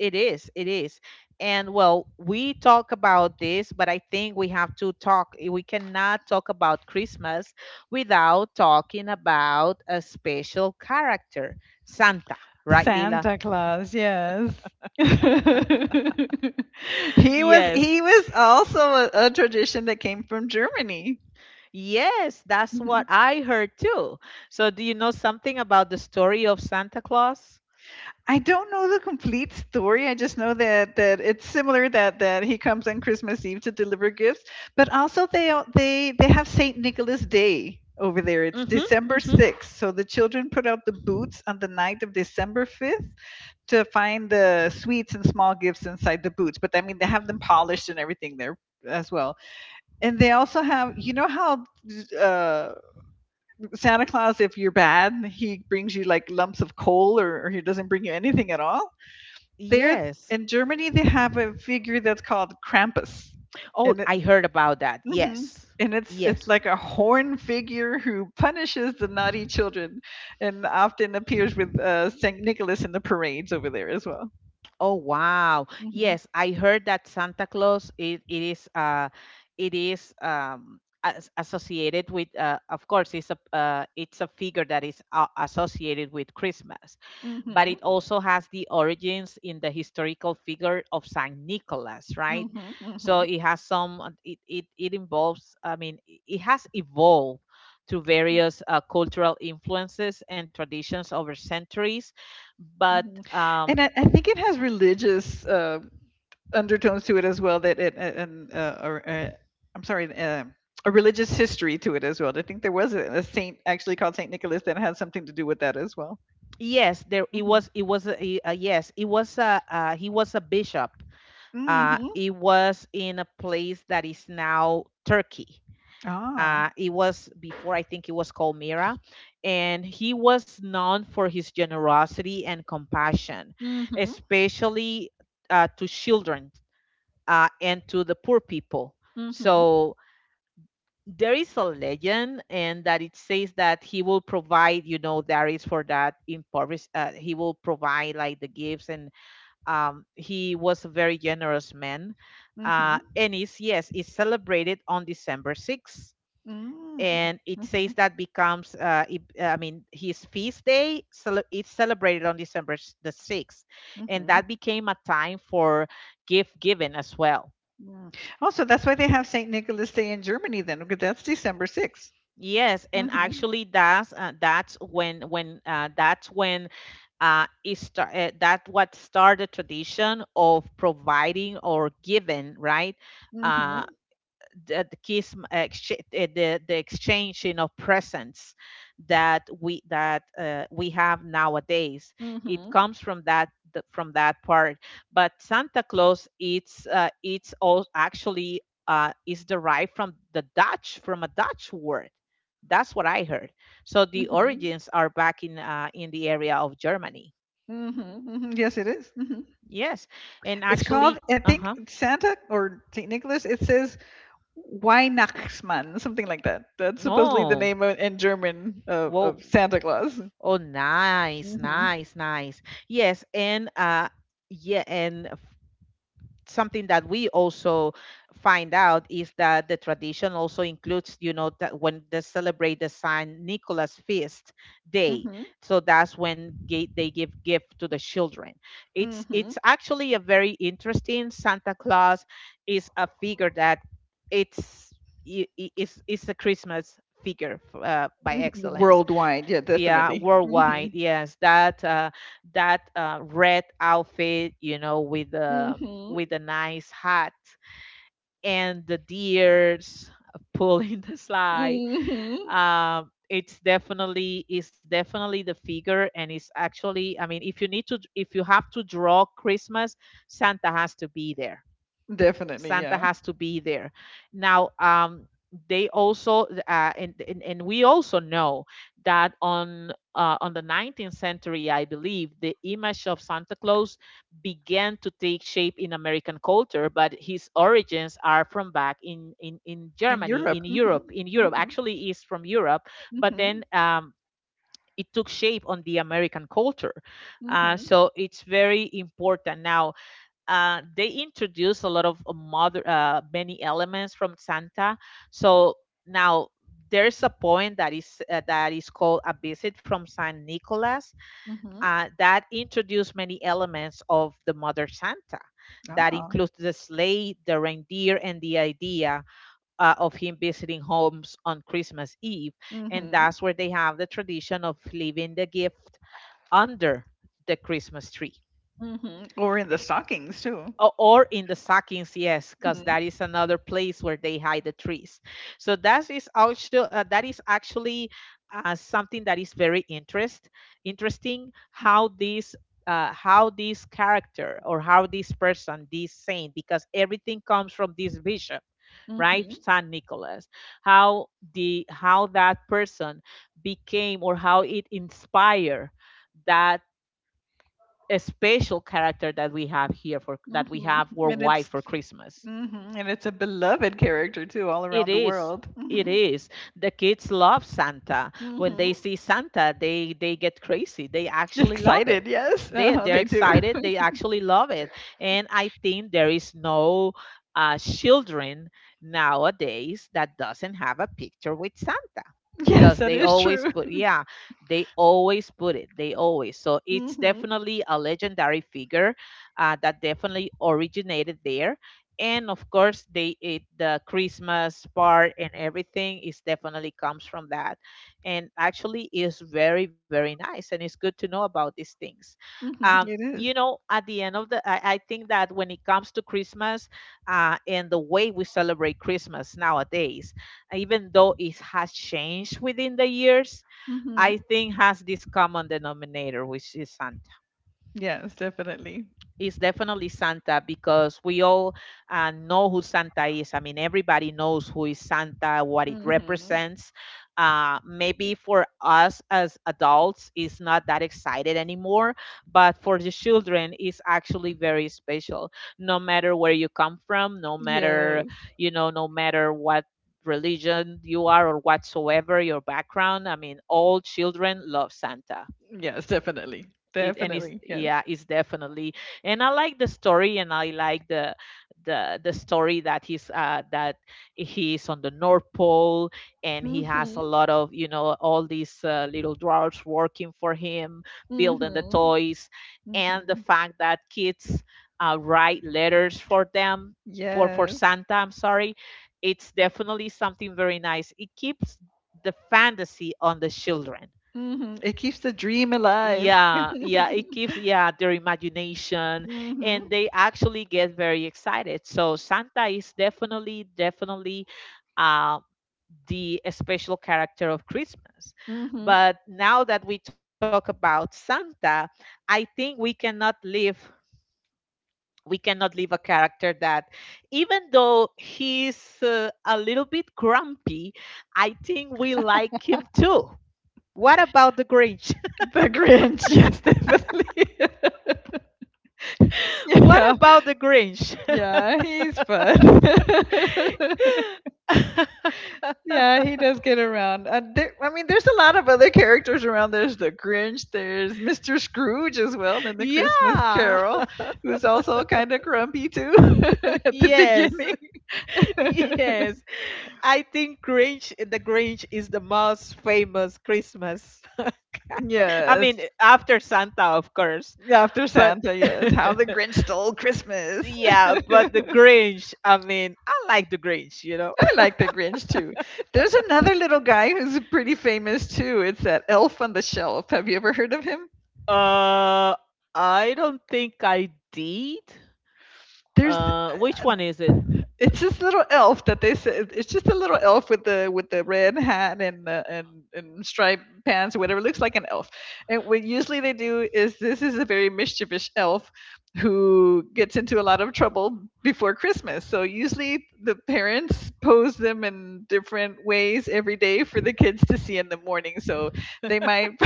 Speaker 1: It is, it is. And well, we talk about this, but I think we have to talk. We cannot talk about Christmas without talking about a special character, Santa, right, Lila?
Speaker 2: Santa Claus, yes. he was
Speaker 1: Yes.
Speaker 2: he was also a tradition that came from Germany.
Speaker 1: Yes, that's
Speaker 2: Mhm.
Speaker 1: what I heard too. So, do you know something about the story of Santa Claus?
Speaker 2: I don't know the complete story. I just know that that it's similar that that he comes on Christmas Eve to deliver gifts, but also they al- they have Saint Nicholas Day over there. It's
Speaker 1: Mm-hmm,
Speaker 2: December
Speaker 1: mm-hmm.
Speaker 2: 6th. So the children put out the boots on the night of December 5th to find the sweets and small gifts inside the boots. But I mean, they have them polished and everything there as well. And they also have, how uh, Santa Claus, if you're bad, he brings you like lumps of coal, or he doesn't bring you anything at all. There
Speaker 1: Yes.
Speaker 2: in Germany, they have a figure that's called Krampus,
Speaker 1: Oh,
Speaker 2: and it.
Speaker 1: I heard about that.
Speaker 2: hmm
Speaker 1: Yes.
Speaker 2: And it's
Speaker 1: Yes.
Speaker 2: like a horn figure who punishes the naughty children, and often appears with Saint Nicholas in the parades over there as well.
Speaker 1: Oh, wow.
Speaker 2: Hmm.
Speaker 1: Yes, I heard that Santa Claus, it, it is as associated with, of course, it's a figure that is associated with Christmas, but
Speaker 2: Hmm.
Speaker 1: it also has the origins in the historical figure of Saint Nicholas, right?
Speaker 2: Mhm,
Speaker 1: So
Speaker 2: mhm,
Speaker 1: it has some, it involves, I mean, it has evolved through various cultural influences and traditions over centuries, but
Speaker 2: mhm. And I think it has religious undertones to it as well. That it a- and or, I'm sorry. A religious history to it as well. I think there was a saint actually called Saint Nicholas that had something to do with that as well.
Speaker 1: yes, there it
Speaker 2: Mhm,
Speaker 1: was. It was a. Yes. It was a he was a bishop. Uh,
Speaker 2: mhm,
Speaker 1: it was in a place that is now Turkey.
Speaker 2: ah,
Speaker 1: It was before, I think it was called Mira, and he was known for his generosity and compassion,
Speaker 2: mhm,
Speaker 1: especially to children, and to the poor people.
Speaker 2: mhm,
Speaker 1: So there is a legend, and that it says that he will provide, there is for that impoverished, he will provide like the gifts, and he was a very generous man,
Speaker 2: mhm,
Speaker 1: and is, yes, it's celebrated on December 6th.
Speaker 2: mm,
Speaker 1: And it says
Speaker 2: mhm,
Speaker 1: that becomes, I mean, his feast day it's celebrated on December the 6th, and
Speaker 2: mhm.
Speaker 1: that became a time for gift giving as well.
Speaker 2: Mm. Also, that's why they have Saint Nicholas Day in Germany then, because that's December 6th.
Speaker 1: Yes, and
Speaker 2: Mhm,
Speaker 1: actually, that's when it start, that what started the tradition of providing or giving, right? Uh,
Speaker 2: mhm,
Speaker 1: the kiss exchange, the exchanging of presents that we have nowadays, it
Speaker 2: mhm,
Speaker 1: comes from that part. But Santa Claus, it's all, actually, is derived from the dutch from a Dutch word. That's what I heard. So the
Speaker 2: mhm.
Speaker 1: origins are back in, in the area of Germany.
Speaker 2: Mhm, mhm. Yes, it is. Mhm.
Speaker 1: Yes, and
Speaker 2: It's called,
Speaker 1: actually,
Speaker 2: I think,
Speaker 1: uh-huh.
Speaker 2: Santa or Saint Nicholas. It says Weihnachtsmann, something like that. That's supposedly the
Speaker 1: Oh,
Speaker 2: name of, in German of,
Speaker 1: well.
Speaker 2: of Santa Claus.
Speaker 1: Oh, nice,
Speaker 2: Hmm.
Speaker 1: nice, nice. Yes, and yeah, and something that we also find out is that the tradition also includes, that when they celebrate the Saint Nicholas Feast Day,
Speaker 2: Hmm.
Speaker 1: so that's when they give gift to the children. It's
Speaker 2: Hmm.
Speaker 1: actually a very interesting. Santa Claus is a figure that it's I- is a Christmas figure, by excellence.
Speaker 2: Worldwide, yeah,
Speaker 1: Yeah,
Speaker 2: definitely.
Speaker 1: worldwide,
Speaker 2: Hmm.
Speaker 1: yes, that, red outfit, with the,
Speaker 2: Hmm.
Speaker 1: with the nice hat, and the deers pulling the slide.
Speaker 2: Hmm.
Speaker 1: It's definitely the figure, and it's actually, I mean, if you have to draw Christmas, Santa has to be there.
Speaker 2: Definitely,
Speaker 1: Santa
Speaker 2: yeah.
Speaker 1: has to be there. Now, they also, and we also know that on, on the 19th century, I believe, the image of Santa Claus began to take shape in American culture, but his origins are from back in, in
Speaker 2: In
Speaker 1: Germany,
Speaker 2: Europe.
Speaker 1: in
Speaker 2: Hmm.
Speaker 1: Europe, in Europe.
Speaker 2: Hmm.
Speaker 1: Actually, is from Europe, but
Speaker 2: Hmm.
Speaker 1: then. It took shape on the American culture,
Speaker 2: Hmm.
Speaker 1: so it's very important now, they introduce a lot of, mother many elements from Santa. So now, there's a point that is, that is called a visit from Saint Nicholas,
Speaker 2: Hmm.
Speaker 1: that introduced many elements of the Mother Santa. That
Speaker 2: Ah.
Speaker 1: includes the sleigh, the reindeer, and the idea, of him visiting homes on Christmas Eve. And
Speaker 2: Hmm.
Speaker 1: that's where they have the tradition of leaving the gift under the Christmas tree,
Speaker 2: Hmm. Or in the stockings too.
Speaker 1: or in the sackings, yes, because
Speaker 2: Hmm.
Speaker 1: that is another place where they hide the trees. So that is also, that is actually, something that is very interesting, how this, how this character, or how this person, this saint, because everything comes from this bishop, right,
Speaker 2: Hmm.
Speaker 1: Saint Nicholas, how the, how that person became, or how it inspired that, a special character that we have here, for that we
Speaker 2: Hmm.
Speaker 1: have
Speaker 2: And
Speaker 1: worldwide
Speaker 2: it's
Speaker 1: for Christmas.
Speaker 2: and it's a beloved character too, all
Speaker 1: It
Speaker 2: around the
Speaker 1: is.
Speaker 2: world.
Speaker 1: It
Speaker 2: Hmm.
Speaker 1: is. The kids love Santa. When they
Speaker 2: Hmm.
Speaker 1: see Santa, they get crazy. They actually love
Speaker 2: Excited,
Speaker 1: it.
Speaker 2: yes,
Speaker 1: They
Speaker 2: they
Speaker 1: they're
Speaker 2: do.
Speaker 1: excited. They actually love it. And I think there is no, children nowadays that doesn't have a picture with Santa,
Speaker 2: Yes,
Speaker 1: because
Speaker 2: that
Speaker 1: they
Speaker 2: is
Speaker 1: always
Speaker 2: true.
Speaker 1: put yeah, they always put it, they always so it's
Speaker 2: Hmm.
Speaker 1: definitely a legendary figure, that definitely originated there, and of course, the Christmas part and everything is definitely comes from that. And actually is very, very nice, and it's good to know about these things.
Speaker 2: Hmm.
Speaker 1: um
Speaker 2: It is.
Speaker 1: at the end of the I think that when it comes to Christmas, and the way we celebrate Christmas nowadays, even though it has changed within the years,
Speaker 2: Mm-hmm.
Speaker 1: I think has this common denominator, which is Santa.
Speaker 2: Yes, definitely.
Speaker 1: It's definitely Santa, because we all, know who Santa is. I mean, everybody knows who is Santa, what it
Speaker 2: Hmm.
Speaker 1: represents. Maybe for us as adults, it's not that excited anymore, but for the children, it's actually very special. No matter where you come from, no matter
Speaker 2: Yes,
Speaker 1: no matter what religion you are or whatsoever your background, I mean, all children love Santa
Speaker 2: yes, definitely,
Speaker 1: it And it's
Speaker 2: definitely, yes.
Speaker 1: yeah it's definitely. And I like the story, and I like the story that he is on the North Pole, and he has a
Speaker 2: Hmm.
Speaker 1: lot of, you know, all these little dwarfs working for him, building the
Speaker 2: Hmm.
Speaker 1: toys. And the
Speaker 2: Hmm.
Speaker 1: fact that kids write letters for them for
Speaker 2: Yes.
Speaker 1: Santa, I'm sorry, it's definitely something very nice. It keeps the fantasy on the children.
Speaker 2: Hmm. It keeps the dream alive.
Speaker 1: Yeah, yeah, it keeps, yeah, their imagination, and
Speaker 2: Hmm.
Speaker 1: they actually get very excited. So Santa is definitely, definitely, uh, the special character of Christmas.
Speaker 2: Hmm.
Speaker 1: But now that we talk about Santa, I think we cannot leave a character that, even though he's a little bit grumpy, I think we like him too. What about the Grinch?
Speaker 2: The Grinch, yes, definitely.
Speaker 1: What
Speaker 2: Yeah,
Speaker 1: about the Grinch?
Speaker 2: yeah, he's fun. Yeah, he does get around. I mean, there's a lot of other characters around. There's the Grinch, there's Mr. Scrooge as well in the Christmas
Speaker 1: Yeah.
Speaker 2: Carol, who's also kind of grumpy too at the
Speaker 1: Yes.
Speaker 2: beginning.
Speaker 1: Yes. I think Grinch the Grinch is the most famous Christmas. I mean,
Speaker 2: Yes,
Speaker 1: after Santa, of course,
Speaker 2: after
Speaker 1: but
Speaker 2: Santa, yes. How the Grinch stole Christmas.
Speaker 1: yeah, but the Grinch, I mean, I like the Grinch, you know.
Speaker 2: I like the Grinch too. There's another little guy who's pretty famous too. It's that elf on the shelf. Have you ever heard of him?
Speaker 1: Uh, I don't think I did.
Speaker 2: There's
Speaker 1: Uh, which one is it?
Speaker 2: It's this little elf that they said. It's just a little elf with the red hat and striped pants or whatever. Looks like an elf. And what usually they do is this is a very mischievous elf who gets into a lot of trouble before Christmas. So usually the parents pose them in different ways every day for the kids to see in the morning. So they might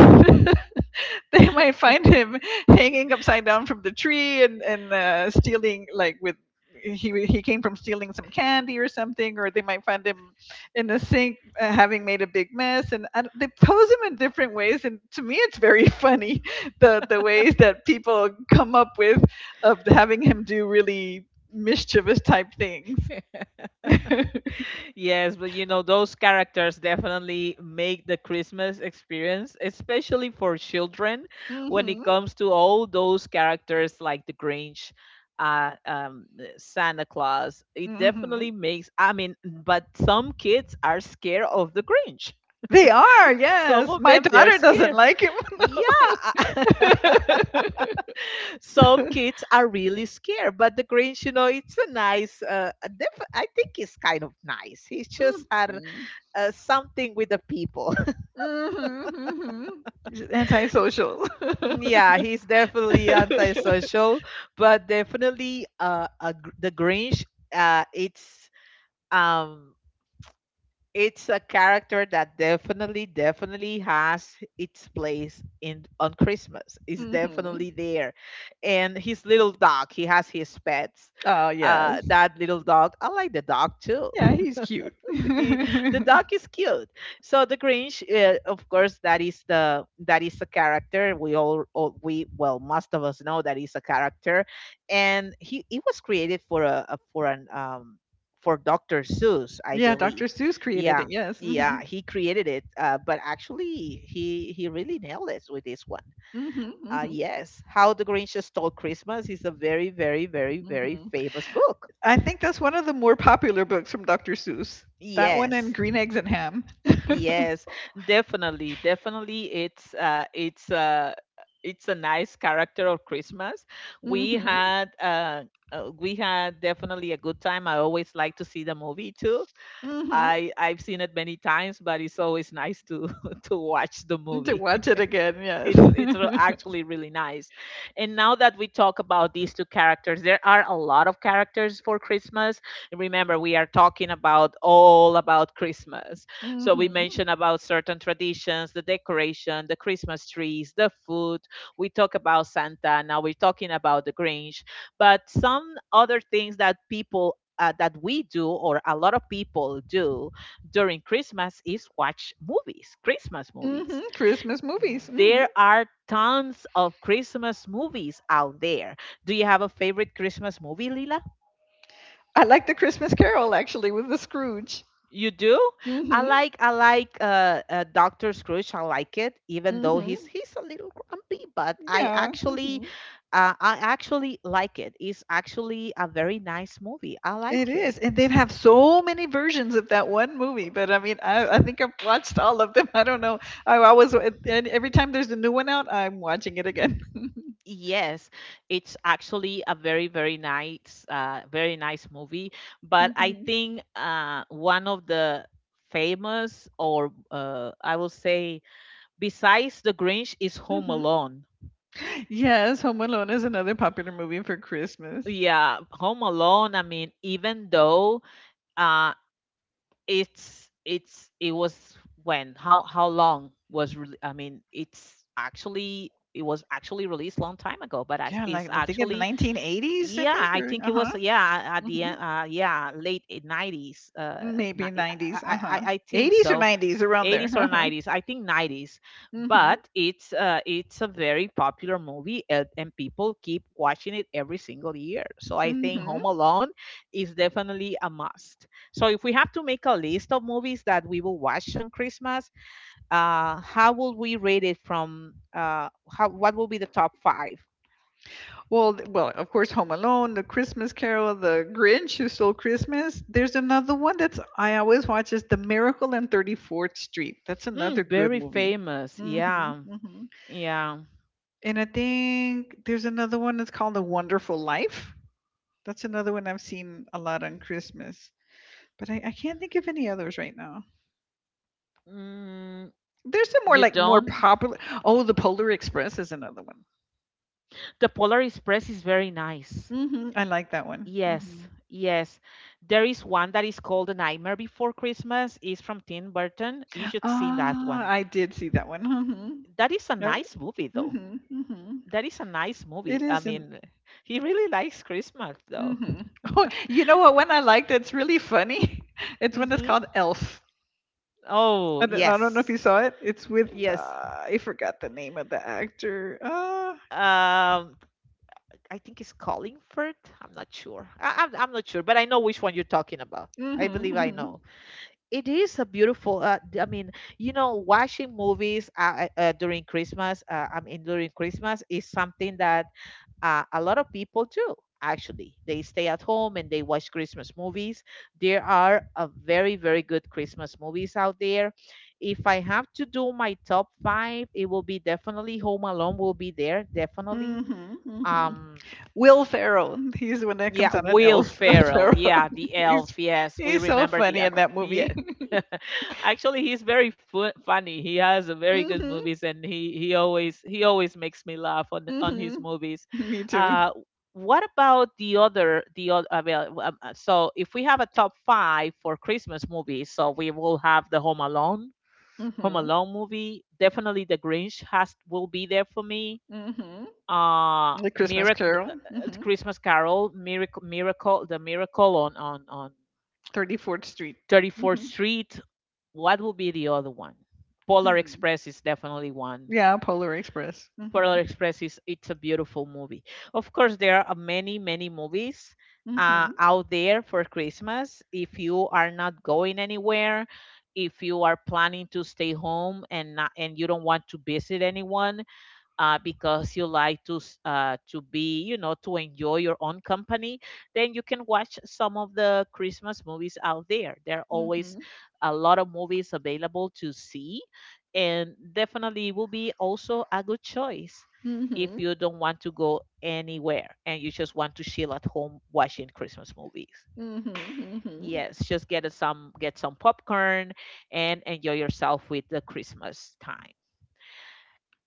Speaker 2: they might find him hanging upside down from the tree and stealing like with he came from stealing some candy or something, or they might find him in the sink having made a big mess, and I, they pose him in different ways. And to me, it's very funny the ways that people come up with of having him do really mischievous type things.
Speaker 1: Yes, but you know, those characters definitely make the Christmas experience, especially for children, when it
Speaker 2: Hmm.
Speaker 1: comes to all those characters like the Grinch, Santa Claus. It
Speaker 2: Hmm.
Speaker 1: definitely makes, I mean, but some kids are scared of the Grinch.
Speaker 2: They are,
Speaker 1: Some
Speaker 2: yes.
Speaker 1: of
Speaker 2: My
Speaker 1: them, they're
Speaker 2: daughter doesn't
Speaker 1: scared.
Speaker 2: like him.
Speaker 1: Yeah,
Speaker 2: though.
Speaker 1: some kids are really scared, but the Grinch, you know, it's a nice. A I think he's kind of nice. He's
Speaker 2: Mm.
Speaker 1: just had
Speaker 2: Mhm.
Speaker 1: something with the people.
Speaker 2: Mhm. Mhm. Just. Mm.
Speaker 1: Yeah, he's definitely antisocial, but definitely the Grinch. Uh, it's um, it's a character that definitely, definitely has its place in on Christmas. It's
Speaker 2: Mhm.
Speaker 1: definitely there, and his little dog. He has his pets.
Speaker 2: Oh yes.
Speaker 1: That little dog. I like the dog too.
Speaker 2: Yeah, he's cute.
Speaker 1: he- the dog is cute. So the Grinch, of course, that is the that is a character. We all we well, Most of us know that is a character, and he it was created for a for an for Doctor Seuss, I
Speaker 2: Yeah, Dr.
Speaker 1: believe.
Speaker 2: Seuss created it.
Speaker 1: Yeah,
Speaker 2: Yes.
Speaker 1: yeah,
Speaker 2: Mhm.
Speaker 1: he created it, but actually he really nailed it with this one.
Speaker 2: Mhm. Mhm.
Speaker 1: Yes, How the Grinch Stole Christmas is a very, very, very, very
Speaker 2: Mhm.
Speaker 1: famous book.
Speaker 2: I think that's one of the more popular books from Dr. Seuss. That one and
Speaker 1: Yes.
Speaker 2: Green Eggs and Ham.
Speaker 1: Yes, definitely, definitely. It's a nice character of Christmas. We
Speaker 2: Mhm.
Speaker 1: had uh, we had definitely a good time. I always like to see the movie too.
Speaker 2: Mhm.
Speaker 1: I've seen it many times, but it's always nice to to watch the
Speaker 2: To
Speaker 1: movie
Speaker 2: watch it again. Yes. Mhm.
Speaker 1: actually really nice. And now that we talk about these two characters, there are a lot of characters for Christmas. Remember, we are talking about all about Christmas. So we mentioned about certain traditions, the decoration, the Christmas trees, the food. We talk about Santa. Now we're talking about the Grinch. But some other things that people that we do, or a lot of people do during Christmas, is watch movies, Christmas movies.
Speaker 2: Mhm. Christmas movies. Mm. Mhm.
Speaker 1: There are tons of Christmas movies out there. Do you have a favorite Christmas movie, Lila?
Speaker 2: I like the Christmas Carol actually with the Scrooge.
Speaker 1: You do? I like Doctor Scrooge. I like it, even though
Speaker 2: Mhm.
Speaker 1: he's a little grumpy, but
Speaker 2: Yeah, mhm.
Speaker 1: I actually like it. It's actually a very nice movie. I
Speaker 2: It
Speaker 1: like it.
Speaker 2: is, and they have so many versions of that one movie. But I mean, I think I've watched all of them. I don't know. I always and every time there's a new one out, I'm watching it again.
Speaker 1: Yes, it's actually a very, very nice movie. But I
Speaker 2: Mhm.
Speaker 1: think one of the famous, or I will say, besides The Grinch, is Home
Speaker 2: Hmm.
Speaker 1: Alone.
Speaker 2: Yes, Home Alone is another popular movie for Christmas.
Speaker 1: Yeah, Home Alone. I mean, even though uh, it was when how long was I mean, it's actually it was actually released long time ago, but
Speaker 2: Yeah,
Speaker 1: it's
Speaker 2: like I think in the
Speaker 1: actually
Speaker 2: 1980s, I
Speaker 1: yeah,
Speaker 2: think,
Speaker 1: I
Speaker 2: or
Speaker 1: think it
Speaker 2: uh huh,
Speaker 1: was, yeah, at the
Speaker 2: hmm,
Speaker 1: end, uh, late 90s,
Speaker 2: maybe
Speaker 1: I,
Speaker 2: 90s, uh
Speaker 1: I
Speaker 2: huh,
Speaker 1: I I think
Speaker 2: 80s or
Speaker 1: so.
Speaker 2: 90s, around there.
Speaker 1: 80s or
Speaker 2: Uh huh.
Speaker 1: 90s, I think 90s.
Speaker 2: Hmm.
Speaker 1: But it's a very popular movie, and people keep watching it every single year. So I think
Speaker 2: Hmm.
Speaker 1: Home Alone is definitely a must. So if we have to make a list of movies that we will watch on Christmas, how will we rate it from how, what will be the top five?
Speaker 2: Well, well, of course, Home Alone, The Christmas Carol, The Grinch Who Stole Christmas. There's another one that's I always watch is The Miracle on 34th Street. That's
Speaker 1: Mm,
Speaker 2: another good
Speaker 1: very
Speaker 2: movie.
Speaker 1: famous,
Speaker 2: Mhm,
Speaker 1: yeah.
Speaker 2: mhm.
Speaker 1: Yeah.
Speaker 2: And I think there's another one that's called The Wonderful Life. That's another one I've seen a lot on Christmas, but I can't think of any others right now.
Speaker 1: Mm,
Speaker 2: There's some more
Speaker 1: you
Speaker 2: like more
Speaker 1: don't?
Speaker 2: popular. Oh, The Polar Express is another one.
Speaker 1: The Polar Express is very nice.
Speaker 2: Hmm. I like that one. Hmm.
Speaker 1: Yes, yes. There is one that is called The Nightmare Before Christmas. It's from Tim Burton. You should see that
Speaker 2: Ah,
Speaker 1: one.
Speaker 2: I did see that one.
Speaker 1: That is a
Speaker 2: Hmm.
Speaker 1: nice movie, though.
Speaker 2: Mhm, mhm.
Speaker 1: That is a nice
Speaker 2: It
Speaker 1: movie. I
Speaker 2: isn't.
Speaker 1: mean, he really likes Christmas, though.
Speaker 2: Mhm. Oh, you know what one I like that's really funny? It's one that's
Speaker 1: Hmm
Speaker 2: called Elf. I
Speaker 1: Oh,
Speaker 2: don't, I don't know if you
Speaker 1: yes,
Speaker 2: saw it. It's with
Speaker 1: yes.
Speaker 2: I forgot the name of the actor.
Speaker 1: Um, I think it's Collingford. I'm not sure. I'm not sure, but I know which one you're talking about. I
Speaker 2: Mhm,
Speaker 1: believe I
Speaker 2: mhm,
Speaker 1: know. It is a beautiful I mean, you know, watching movies during Christmas, I mean during Christmas is something that a lot of people do. Actually, they stay at home and they watch Christmas movies. There are a very, very good Christmas movies out there. If I have to do my top five, it will be definitely Home Alone will be there definitely.
Speaker 2: mhm, mhm.
Speaker 1: um
Speaker 2: Will Ferrell. He's the one that
Speaker 1: yeah,
Speaker 2: comes out an
Speaker 1: Will
Speaker 2: elf.
Speaker 1: Ferrell.
Speaker 2: Ferrell.
Speaker 1: Yeah, the elf.
Speaker 2: He's
Speaker 1: Yes, we
Speaker 2: he's so
Speaker 1: remember the
Speaker 2: funny in
Speaker 1: act.
Speaker 2: that
Speaker 1: Yeah.
Speaker 2: movie.
Speaker 1: Actually, he's very funny. He has a very good
Speaker 2: Mhm,
Speaker 1: movies, and he always makes me laugh on his
Speaker 2: mhm.
Speaker 1: movies.
Speaker 2: Me
Speaker 1: Uh,
Speaker 2: too.
Speaker 1: what about the other? So if we have a top five for Christmas movies, so we will have the Home Alone, Home
Speaker 2: Mhm,
Speaker 1: Alone movie. Definitely, The Grinch has will be there for me.
Speaker 2: mhm. The Christmas
Speaker 1: Miracle,
Speaker 2: Carol. Mhm.
Speaker 1: Christmas Carol, miracle miracle the Miracle on
Speaker 2: 34th Street.
Speaker 1: 34th Street. What would be the other one? Polar
Speaker 2: Hmm.
Speaker 1: Express is definitely one.
Speaker 2: Yeah, Polar Express.
Speaker 1: Polar
Speaker 2: Mhm.
Speaker 1: Express is, it's a beautiful movie. Of course, there are many, many movies
Speaker 2: Mhm.
Speaker 1: out there for Christmas. If you are not going anywhere, if you are planning to stay home and you don't want to visit anyone, because you like to to be, you know, to enjoy your own company, then you can watch some of the Christmas movies out there. There are always
Speaker 2: Mhm.
Speaker 1: a lot of movies available to see, and definitely will be also a good choice if
Speaker 2: Mhm.
Speaker 1: you don't want to go anywhere and you just want to chill at home watching Christmas movies.
Speaker 2: Mhm. Mhm.
Speaker 1: Yes, just get some popcorn and enjoy yourself with the Christmas time.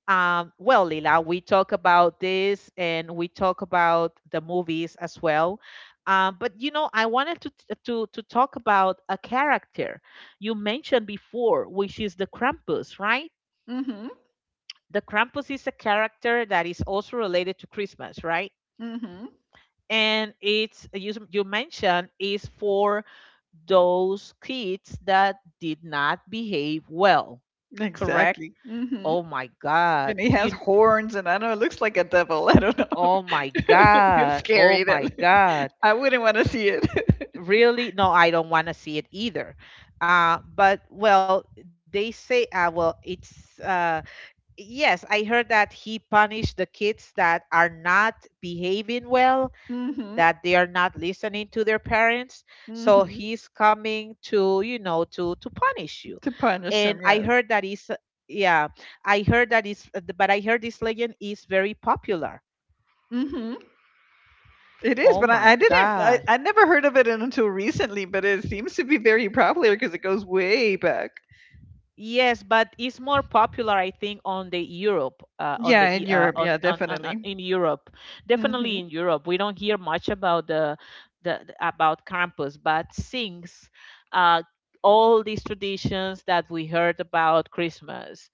Speaker 1: Well, Lila, we talk about this and we talk about the movies as well. But you know, I wanted to, to talk about a character you mentioned before, which is the Krampus, right?
Speaker 2: Mhm.
Speaker 1: The Krampus is a character that is also related to Christmas, right?
Speaker 2: Mhm.
Speaker 1: And it's, you mentioned is for those kids that did not behave well, correct?
Speaker 2: Exactly. Mhm.
Speaker 1: Oh my God!
Speaker 2: And he
Speaker 1: Do
Speaker 2: has
Speaker 1: you,
Speaker 2: horns, and I know it looks like a devil. I don't know.
Speaker 1: oh my
Speaker 2: It's
Speaker 1: God. Oh
Speaker 2: scary. That
Speaker 1: my God.
Speaker 2: I wouldn't want to see it.
Speaker 1: Really? No, I don't want to see it either. But well, they say, well, it's, yes, I heard that he punished the kids that are not behaving well, that
Speaker 2: Mhm.
Speaker 1: they are not listening to their parents. So
Speaker 2: Mhm.
Speaker 1: he's coming to, you know, to punish you.
Speaker 2: To punish
Speaker 1: And
Speaker 2: him,
Speaker 1: I
Speaker 2: yes.
Speaker 1: heard that is, yeah, I heard that is, but I heard this legend is very popular.
Speaker 2: Mhm. It is,
Speaker 1: Oh
Speaker 2: but I,
Speaker 1: my
Speaker 2: I didn't. I,
Speaker 1: God.
Speaker 2: I never heard of it until recently. But it seems to be very popular because it goes way back.
Speaker 1: Yes, but it's more popular, I think, on the Europe, on the
Speaker 2: Yeah, in
Speaker 1: E-
Speaker 2: Europe. Yeah,
Speaker 1: on-
Speaker 2: definitely.
Speaker 1: in Europe. Definitely
Speaker 2: Mhm.
Speaker 1: in Europe, we don't hear much about about Krampus, but since, uh, all these traditions that we heard about Christmas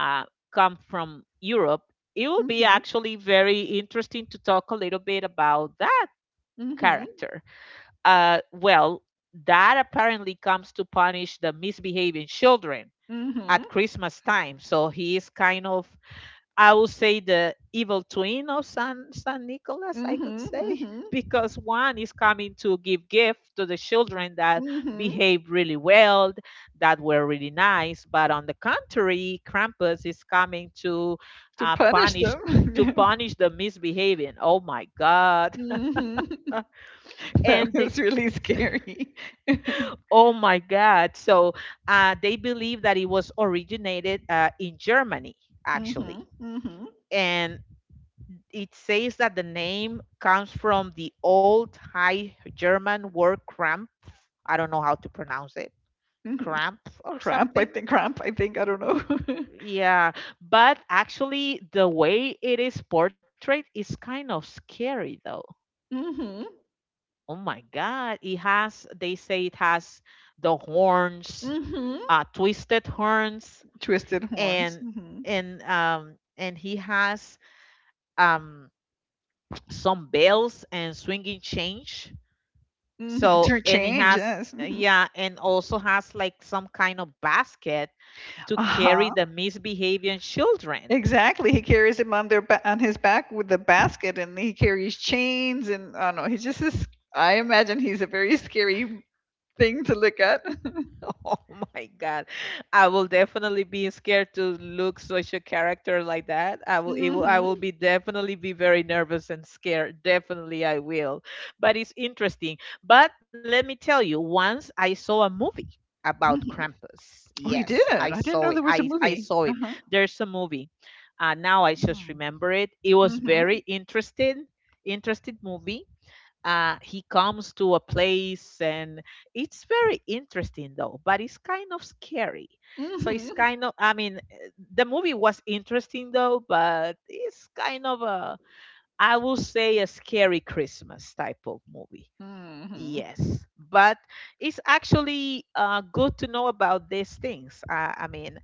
Speaker 1: uh, come from Europe. It will be
Speaker 2: Mhm,
Speaker 1: actually very interesting to talk a little bit about that
Speaker 2: mhm,
Speaker 1: character. Well, that apparently comes to punish the misbehaving children
Speaker 2: mhm,
Speaker 1: at Christmas time. So he is kind of, I would say, the evil twin of San Nicholas, I could
Speaker 2: mhm,
Speaker 1: say,
Speaker 2: mhm,
Speaker 1: because one is coming to give gift to the children that
Speaker 2: mhm.
Speaker 1: behave really well, that were really nice, but on the contrary, Krampus is coming to
Speaker 2: To punish
Speaker 1: punish
Speaker 2: them.
Speaker 1: to
Speaker 2: Yeah.
Speaker 1: punish the misbehaving. Oh my God!
Speaker 2: Mhm. That
Speaker 1: And the,
Speaker 2: was really scary.
Speaker 1: oh my God! So they believe that it was originated in Germany, actually,
Speaker 2: Mhm. Mhm.
Speaker 1: and it says that the name comes from the old High German word "krampf." I don't know how to pronounce it.
Speaker 2: Mhm.
Speaker 1: Krampf or
Speaker 2: Cramp, I
Speaker 1: something.
Speaker 2: think. Cramp, I think. I don't know.
Speaker 1: Yeah, but actually, the way it is portrayed is kind of scary, though.
Speaker 2: Mhm.
Speaker 1: Oh my God! It has. They say it has the horns,
Speaker 2: Mhm.
Speaker 1: twisted horns,
Speaker 2: Twisted horns.
Speaker 1: and
Speaker 2: Hmm.
Speaker 1: and he has um some bells and swinging change.
Speaker 2: Mhm.
Speaker 1: So,
Speaker 2: To
Speaker 1: and he
Speaker 2: change,
Speaker 1: has,
Speaker 2: yes. Hmm.
Speaker 1: yeah, and also has like some kind of basket to
Speaker 2: Uh, Mhm.
Speaker 1: carry
Speaker 2: Huh.
Speaker 1: the misbehaving children.
Speaker 2: Exactly. He carries him on his back with the basket, and he carries chains, and I don't know. He's just this. I imagine he's a very scary thing to look at.
Speaker 1: Oh my God. I will definitely be scared to look such a character like that. I
Speaker 2: Mhm,
Speaker 1: will be definitely be very nervous and scared. Definitely I will. But it's interesting. But let me tell you, once I saw a movie about
Speaker 2: mhm.
Speaker 1: Krampus.
Speaker 2: Oh, you
Speaker 1: Yes,
Speaker 2: did?
Speaker 1: I
Speaker 2: I didn't
Speaker 1: saw it.
Speaker 2: know there was
Speaker 1: I
Speaker 2: a
Speaker 1: I
Speaker 2: movie.
Speaker 1: saw it.
Speaker 2: Uh-huh.
Speaker 1: There's a movie. Now I just
Speaker 2: Mm.
Speaker 1: remember it. It was
Speaker 2: Mhm,
Speaker 1: very interesting, interesting movie. He comes to a place, and it's very interesting, though, but it's kind of scary. So it's
Speaker 2: mhm,
Speaker 1: kind of the movie was interesting, though, but it's kind of a, I will say, a scary Christmas type of movie.
Speaker 2: mhm,
Speaker 1: Yes, but it's actually good to know about these things. I mean,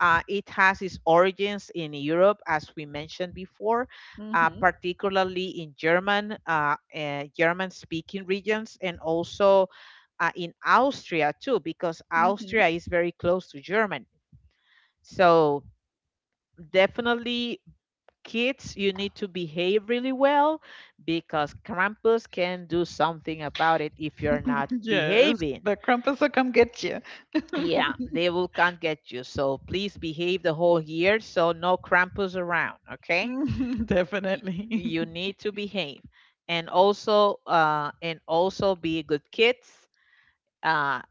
Speaker 1: it has its origins in Europe, as we mentioned before,
Speaker 2: mhm,
Speaker 1: particularly in German, German-speaking regions, and also in Austria too, because
Speaker 2: mhm.
Speaker 1: Austria is very close to Germany. So definitely, kids, you need to behave really well because Krampus can do something about it if you're not
Speaker 2: Yes,
Speaker 1: behaving.
Speaker 2: the Krampus will come get you.
Speaker 1: Yeah, they will can't get you. So please behave the whole year. So no Krampus around. Okay,
Speaker 2: Mhm,
Speaker 1: Y-
Speaker 2: definitely.
Speaker 1: you need to behave, and also be good kids. Uh,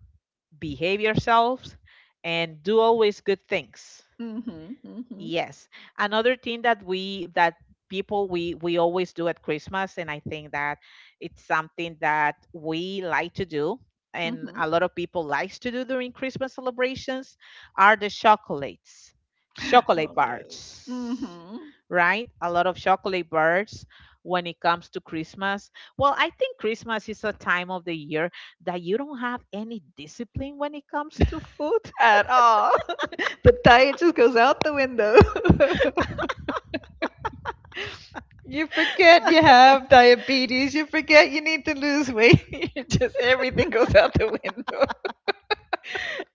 Speaker 1: Behave yourselves, and do always good things.
Speaker 2: Mhm, mhm,
Speaker 1: Yes. Another thing that people we always do at Christmas, and I think that it's something that we like to do, and
Speaker 2: mhm.
Speaker 1: a lot of people likes to do during Christmas celebrations, are the chocolates, chocolate
Speaker 2: Oh, yes.
Speaker 1: bars,
Speaker 2: Mhm.
Speaker 1: right? A lot of chocolate bars when it comes to Christmas. Well, I think Christmas is a time of the year that you don't have any discipline when it comes to food.
Speaker 2: At all. The diet just goes out the window. You forget you have diabetes. You forget you need to lose weight. You just everything goes out the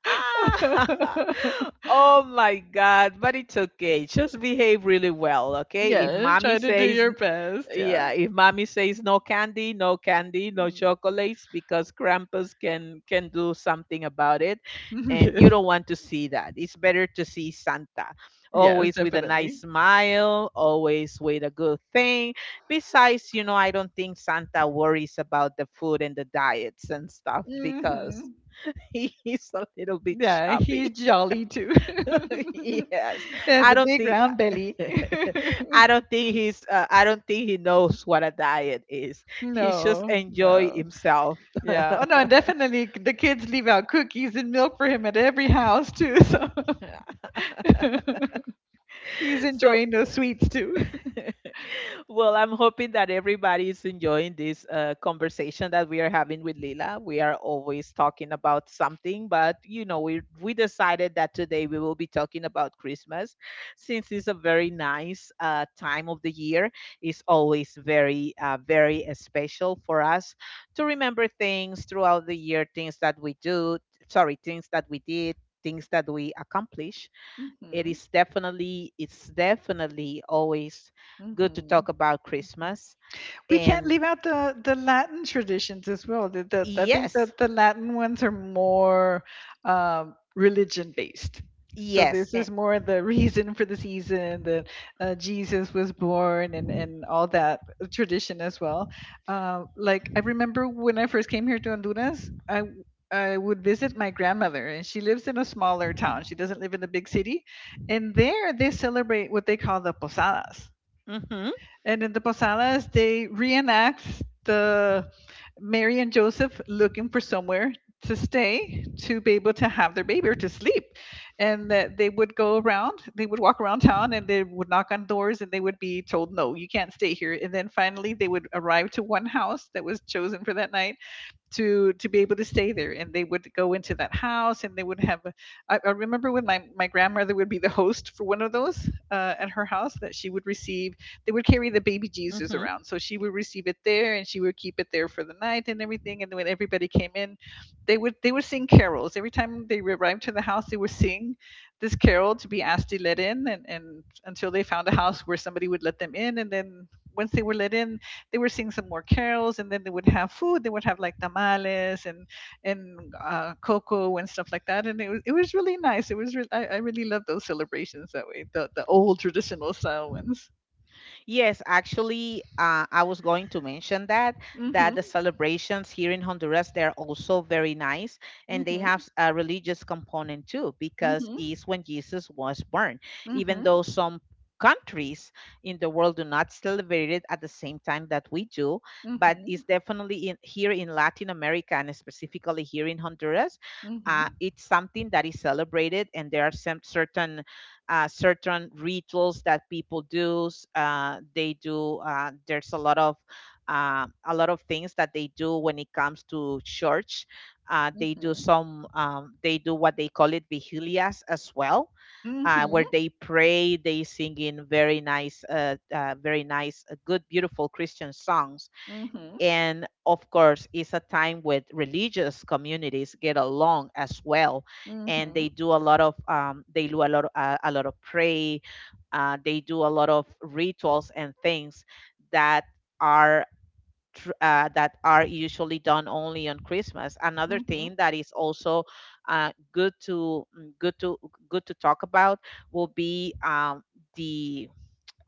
Speaker 1: Ah,
Speaker 2: window.
Speaker 1: oh my God, but it's okay. Just behave really well, okay? If
Speaker 2: Yeah,
Speaker 1: mommy
Speaker 2: try to do
Speaker 1: says,
Speaker 2: your best. Yeah.
Speaker 1: yeah, if mommy says no candy, no candy, no
Speaker 2: Mm.
Speaker 1: chocolates, because Krampus can do something about it, and you
Speaker 2: Yes.
Speaker 1: don't want to see that. It's better to see Santa,
Speaker 2: Yes,
Speaker 1: always with a
Speaker 2: definitely.
Speaker 1: nice smile, always with a good thing. Besides, you know, I don't think Santa worries about the food and the diets and stuff because
Speaker 2: Hmm.
Speaker 1: he's a little bit
Speaker 2: Yeah, he's
Speaker 1: chubby.
Speaker 2: jolly too.
Speaker 1: Yes,
Speaker 2: He has
Speaker 1: I
Speaker 2: a
Speaker 1: don't
Speaker 2: big
Speaker 1: think,
Speaker 2: round belly.
Speaker 1: I don't think he's I don't think he knows what a diet is. He just
Speaker 2: No,
Speaker 1: enjoy
Speaker 2: no.
Speaker 1: himself.
Speaker 2: Yeah. Oh no, and definitely the kids leave out cookies and milk for him at every house too. So he's
Speaker 1: So,
Speaker 2: enjoying those sweets too.
Speaker 1: well, I'm hoping that everybody is enjoying this conversation that we are having with Lila. We are always talking about something, but you know, we decided that today we will be talking about Christmas, since it's a very nice time of the year. It's always very very special for us to remember things throughout the year, things that we do, sorry, things that we did, things that we accomplish.
Speaker 2: Mhm,
Speaker 1: It's definitely always good to
Speaker 2: mhm.
Speaker 1: talk about Christmas.
Speaker 2: We can't
Speaker 1: And
Speaker 2: leave out the Latin traditions as well. I think
Speaker 1: yes,
Speaker 2: that the Latin ones are more religion based. So
Speaker 1: yes,
Speaker 2: this
Speaker 1: and,
Speaker 2: is more the reason for the season that Jesus was born and all that tradition as well. Like I remember when I first came here to Honduras, I would visit my grandmother, and she lives in a smaller town. She doesn't live in a big city, and there they celebrate what they call the posadas.
Speaker 1: mm-hmm,
Speaker 2: And in the Posadas, they reenact the Mary and Joseph looking for somewhere to stay to be able to have their baby or to sleep. And that they would go around, they would walk around town and they would knock on doors and they would be told, no, you can't stay here. And then finally, they would arrive to one house that was chosen for that night to be able to stay there and they would go into that house and they would have I remember when my grandmother would be the host for one of those at her house that she would receive. They would
Speaker 1: mm-hmm.
Speaker 2: carry the baby Jesus around, so she would receive it there and she would keep it there for the night and everything. And when everybody came in, they would sing carols. Every time they arrived to the house, they would sing this carol to be asked to let in, and until they found a house where somebody would let them in. And then once they were let in, they were singing some more carols, and then they would have food. They would have like tamales and cocoa and stuff like that. And it was really nice. It was re- I, I really love those celebrations that way, the old traditional style ones.
Speaker 1: Yes, actually, I was going to mention that that the
Speaker 2: Mm-hmm,
Speaker 1: celebrations here in Honduras they are also very nice, and they
Speaker 2: mm-hmm,
Speaker 1: have a religious component too because
Speaker 2: mm-hmm,
Speaker 1: it's when Jesus was born. Even
Speaker 2: mm-hmm,
Speaker 1: though some countries in the world do not celebrate it at the same time that we do, but it's definitely in, here in Latin America and specifically here in Honduras,
Speaker 2: mm-hmm,
Speaker 1: it's something that is celebrated, and there are some certain certain rituals that people do. They do. There's a lot of things that they do when it comes to church. They do
Speaker 2: mm-hmm,
Speaker 1: some. They do what they call it vigilias as well, where
Speaker 2: mm-hmm,
Speaker 1: they pray. They sing in very nice, good, beautiful Christian songs,
Speaker 2: mm-hmm,
Speaker 1: and of course it's a time with religious communities get along as well.
Speaker 2: mm-hmm,
Speaker 1: And they
Speaker 2: mm-hmm,
Speaker 1: do a lot of they do a lot of pray, they do a lot of rituals and things that are that are usually done only on Christmas. Another
Speaker 2: mm-hmm.
Speaker 1: thing that is also good to good to good to talk about will be um,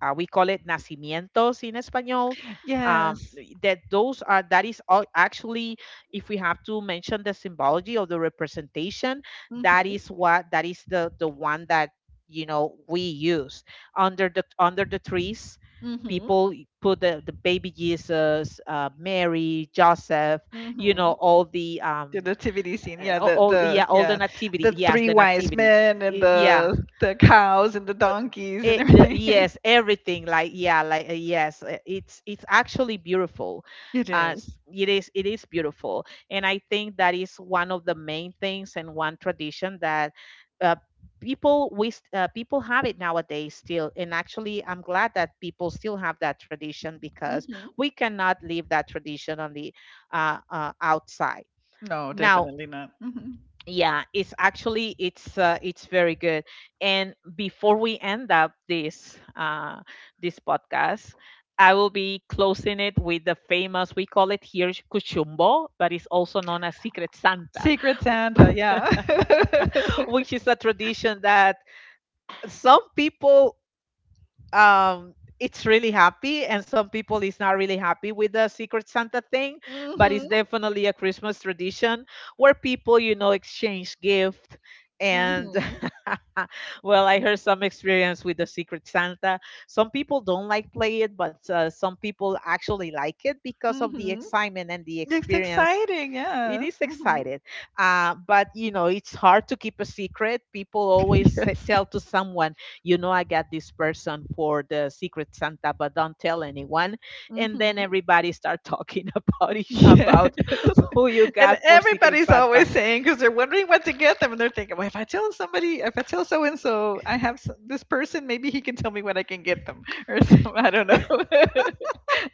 Speaker 1: uh, we call it nacimientos in español. um,
Speaker 2: Yes.
Speaker 1: that those are, that is all actually, if we have to mention the symbology of the representation, that
Speaker 2: Mm-hmm,
Speaker 1: is what, that is the one that, you know, we use under the trees.
Speaker 2: mm-hmm,
Speaker 1: People put the baby Jesus, Mary, Joseph, you know,
Speaker 2: mm-hmm.
Speaker 1: all the
Speaker 2: Yeah, the nativity scene, yeah, the
Speaker 1: yeah, all the
Speaker 2: yeah,
Speaker 1: nativity,
Speaker 2: the
Speaker 1: yes,
Speaker 2: three
Speaker 1: the
Speaker 2: wise
Speaker 1: nativity.
Speaker 2: men and
Speaker 1: Yeah,
Speaker 2: the cows and the donkeys and
Speaker 1: it, the,
Speaker 2: everything.
Speaker 1: yes, everything like yeah, like yes, it's actually beautiful.
Speaker 2: It is.
Speaker 1: It is it is beautiful, and I think that is one of the main things and one tradition that uh, people have it nowadays still. And actually, I'm glad that people still have that tradition because
Speaker 2: Mm-hmm.
Speaker 1: we cannot leave that tradition on the outside
Speaker 2: No,
Speaker 1: now.
Speaker 2: definitely not. Hmm.
Speaker 1: Yeah, it's actually it's very good. And before we end up this this podcast, I will be closing it with the famous, we call it here cuchumbo, but it's also known as Secret Santa.
Speaker 2: Secret Santa, yeah.
Speaker 1: Which is a tradition that some people, um it's really happy and some people is not really happy with the Secret Santa thing, but it's
Speaker 2: Mhm,
Speaker 1: definitely a Christmas tradition where people, you know, exchange gift. And
Speaker 2: mhm,
Speaker 1: well, I heard some experience with the Secret Santa. Some people don't like play it, but some people actually like it because of the
Speaker 2: mhm.
Speaker 1: excitement and the
Speaker 2: It's
Speaker 1: experience.
Speaker 2: exciting,
Speaker 1: It is
Speaker 2: yes. Mhm.
Speaker 1: excited, but you know, it's hard to keep a secret. People always say-
Speaker 2: Yes.
Speaker 1: tell to someone, you know, I got this person for the Secret Santa, but don't tell anyone. And then
Speaker 2: Mhm.
Speaker 1: everybody start talking about each
Speaker 2: Yes.
Speaker 1: about who you
Speaker 2: And
Speaker 1: got for Secret
Speaker 2: everybody's
Speaker 1: Santa.
Speaker 2: always saying because they're wondering what to get them, and they're thinking, "Well, if I tell somebody, if I tell so and so, I have s this person, maybe he can tell me what I can get them, or some, I don't know."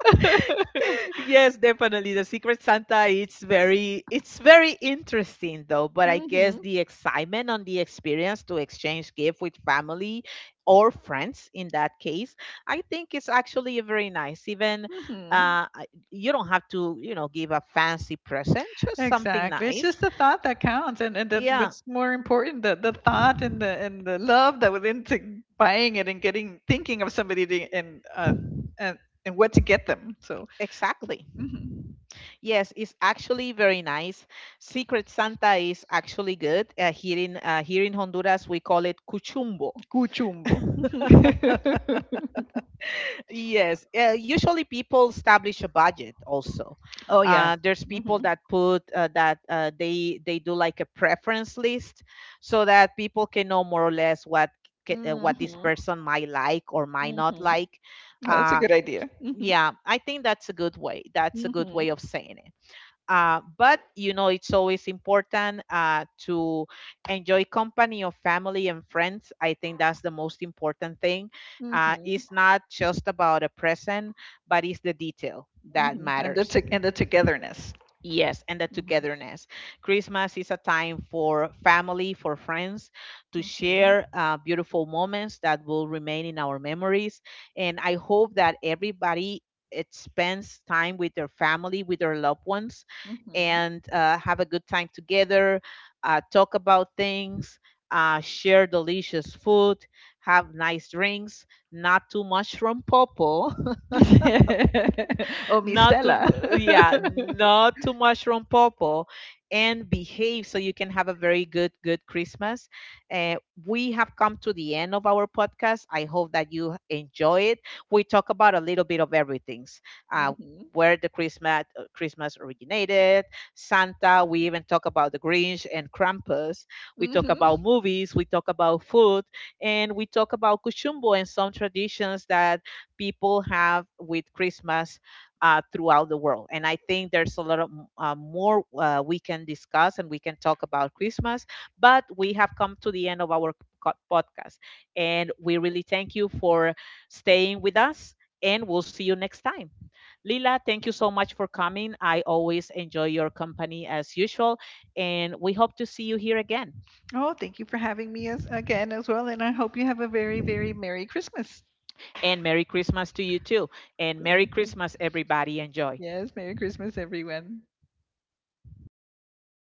Speaker 1: Yes, definitely. The Secret Santa, it's very interesting, though, but I guess
Speaker 2: Hmm.
Speaker 1: the excitement on the experience to exchange gift with family or friends in that case, I think it's actually very nice. Even
Speaker 2: Hmm.
Speaker 1: you don't have to, you know, give a fancy present, just something
Speaker 2: Exactly. It's
Speaker 1: nice.
Speaker 2: just the thought that counts, and that's
Speaker 1: Yeah,
Speaker 2: what's more important, the thought and the love that went into buying it and getting thinking of somebody to, and and what to get them. So,
Speaker 1: exactly.
Speaker 2: mhm.
Speaker 1: Yes, it's actually very nice. Secret Santa is actually good. Here in Honduras, we call it cuchumbo.
Speaker 2: Cuchumbo.
Speaker 1: Yes. Usually people establish a budget also.
Speaker 2: Oh, yeah.
Speaker 1: There's people
Speaker 2: Mhm.
Speaker 1: that put that they do like a preference list so that people can know more or less what what this
Speaker 2: Mhm.
Speaker 1: person might like or might
Speaker 2: Mhm.
Speaker 1: not like.
Speaker 2: Oh, that's a
Speaker 1: Uh,
Speaker 2: good idea. Mhm.
Speaker 1: yeah, I think that's a good way. That's a good way
Speaker 2: Mhm.
Speaker 1: of saying it. But you know, it's always important to enjoy company of family and friends. I think that's the most important thing.
Speaker 2: Mhm.
Speaker 1: It's not just about a present, but it's the detail that
Speaker 2: Mhm. And the
Speaker 1: matters.
Speaker 2: to and the togetherness.
Speaker 1: Yes, and the
Speaker 2: Mhm.
Speaker 1: togetherness. Christmas is a time for family, for friends to
Speaker 2: Mhm.
Speaker 1: share beautiful moments that will remain in our memories. And I hope that everybody spends time with their family, with their loved ones,
Speaker 2: Mhm.
Speaker 1: and have a good time together, talk about things, share delicious food, have nice drinks, not too much from Popo.
Speaker 2: Oh, Miss
Speaker 1: not to
Speaker 2: Stella.
Speaker 1: Yeah, not too much rompopo, and behave so you can have a very good good Christmas. uh, we have come to the end of our podcast. I hope that you enjoy it. We talk about a little bit of everything, uh,
Speaker 2: Mhm.
Speaker 1: where the Christmas Christmas originated, Santa, we even talk about the Grinch and Krampus. We talk about
Speaker 2: Mhm.
Speaker 1: movies, we talk about food, and we talk about kuchumbo and some traditions that people have with Christmas throughout the world. And I think there's a lot of more we can discuss and we can talk about Christmas, but we have come to the end of our podcast. And we really thank you for staying with us, and we'll see you next time. Lila, thank you so much for coming. I always enjoy your company as usual, and we hope to see you here again.
Speaker 2: Oh, thank you for having me as again as well, and I hope you have a very, very Merry Christmas.
Speaker 1: And Merry Christmas to you too. And Merry
Speaker 2: Thank you.
Speaker 1: Christmas, everybody. Enjoy.
Speaker 2: Yes, Merry Christmas, everyone.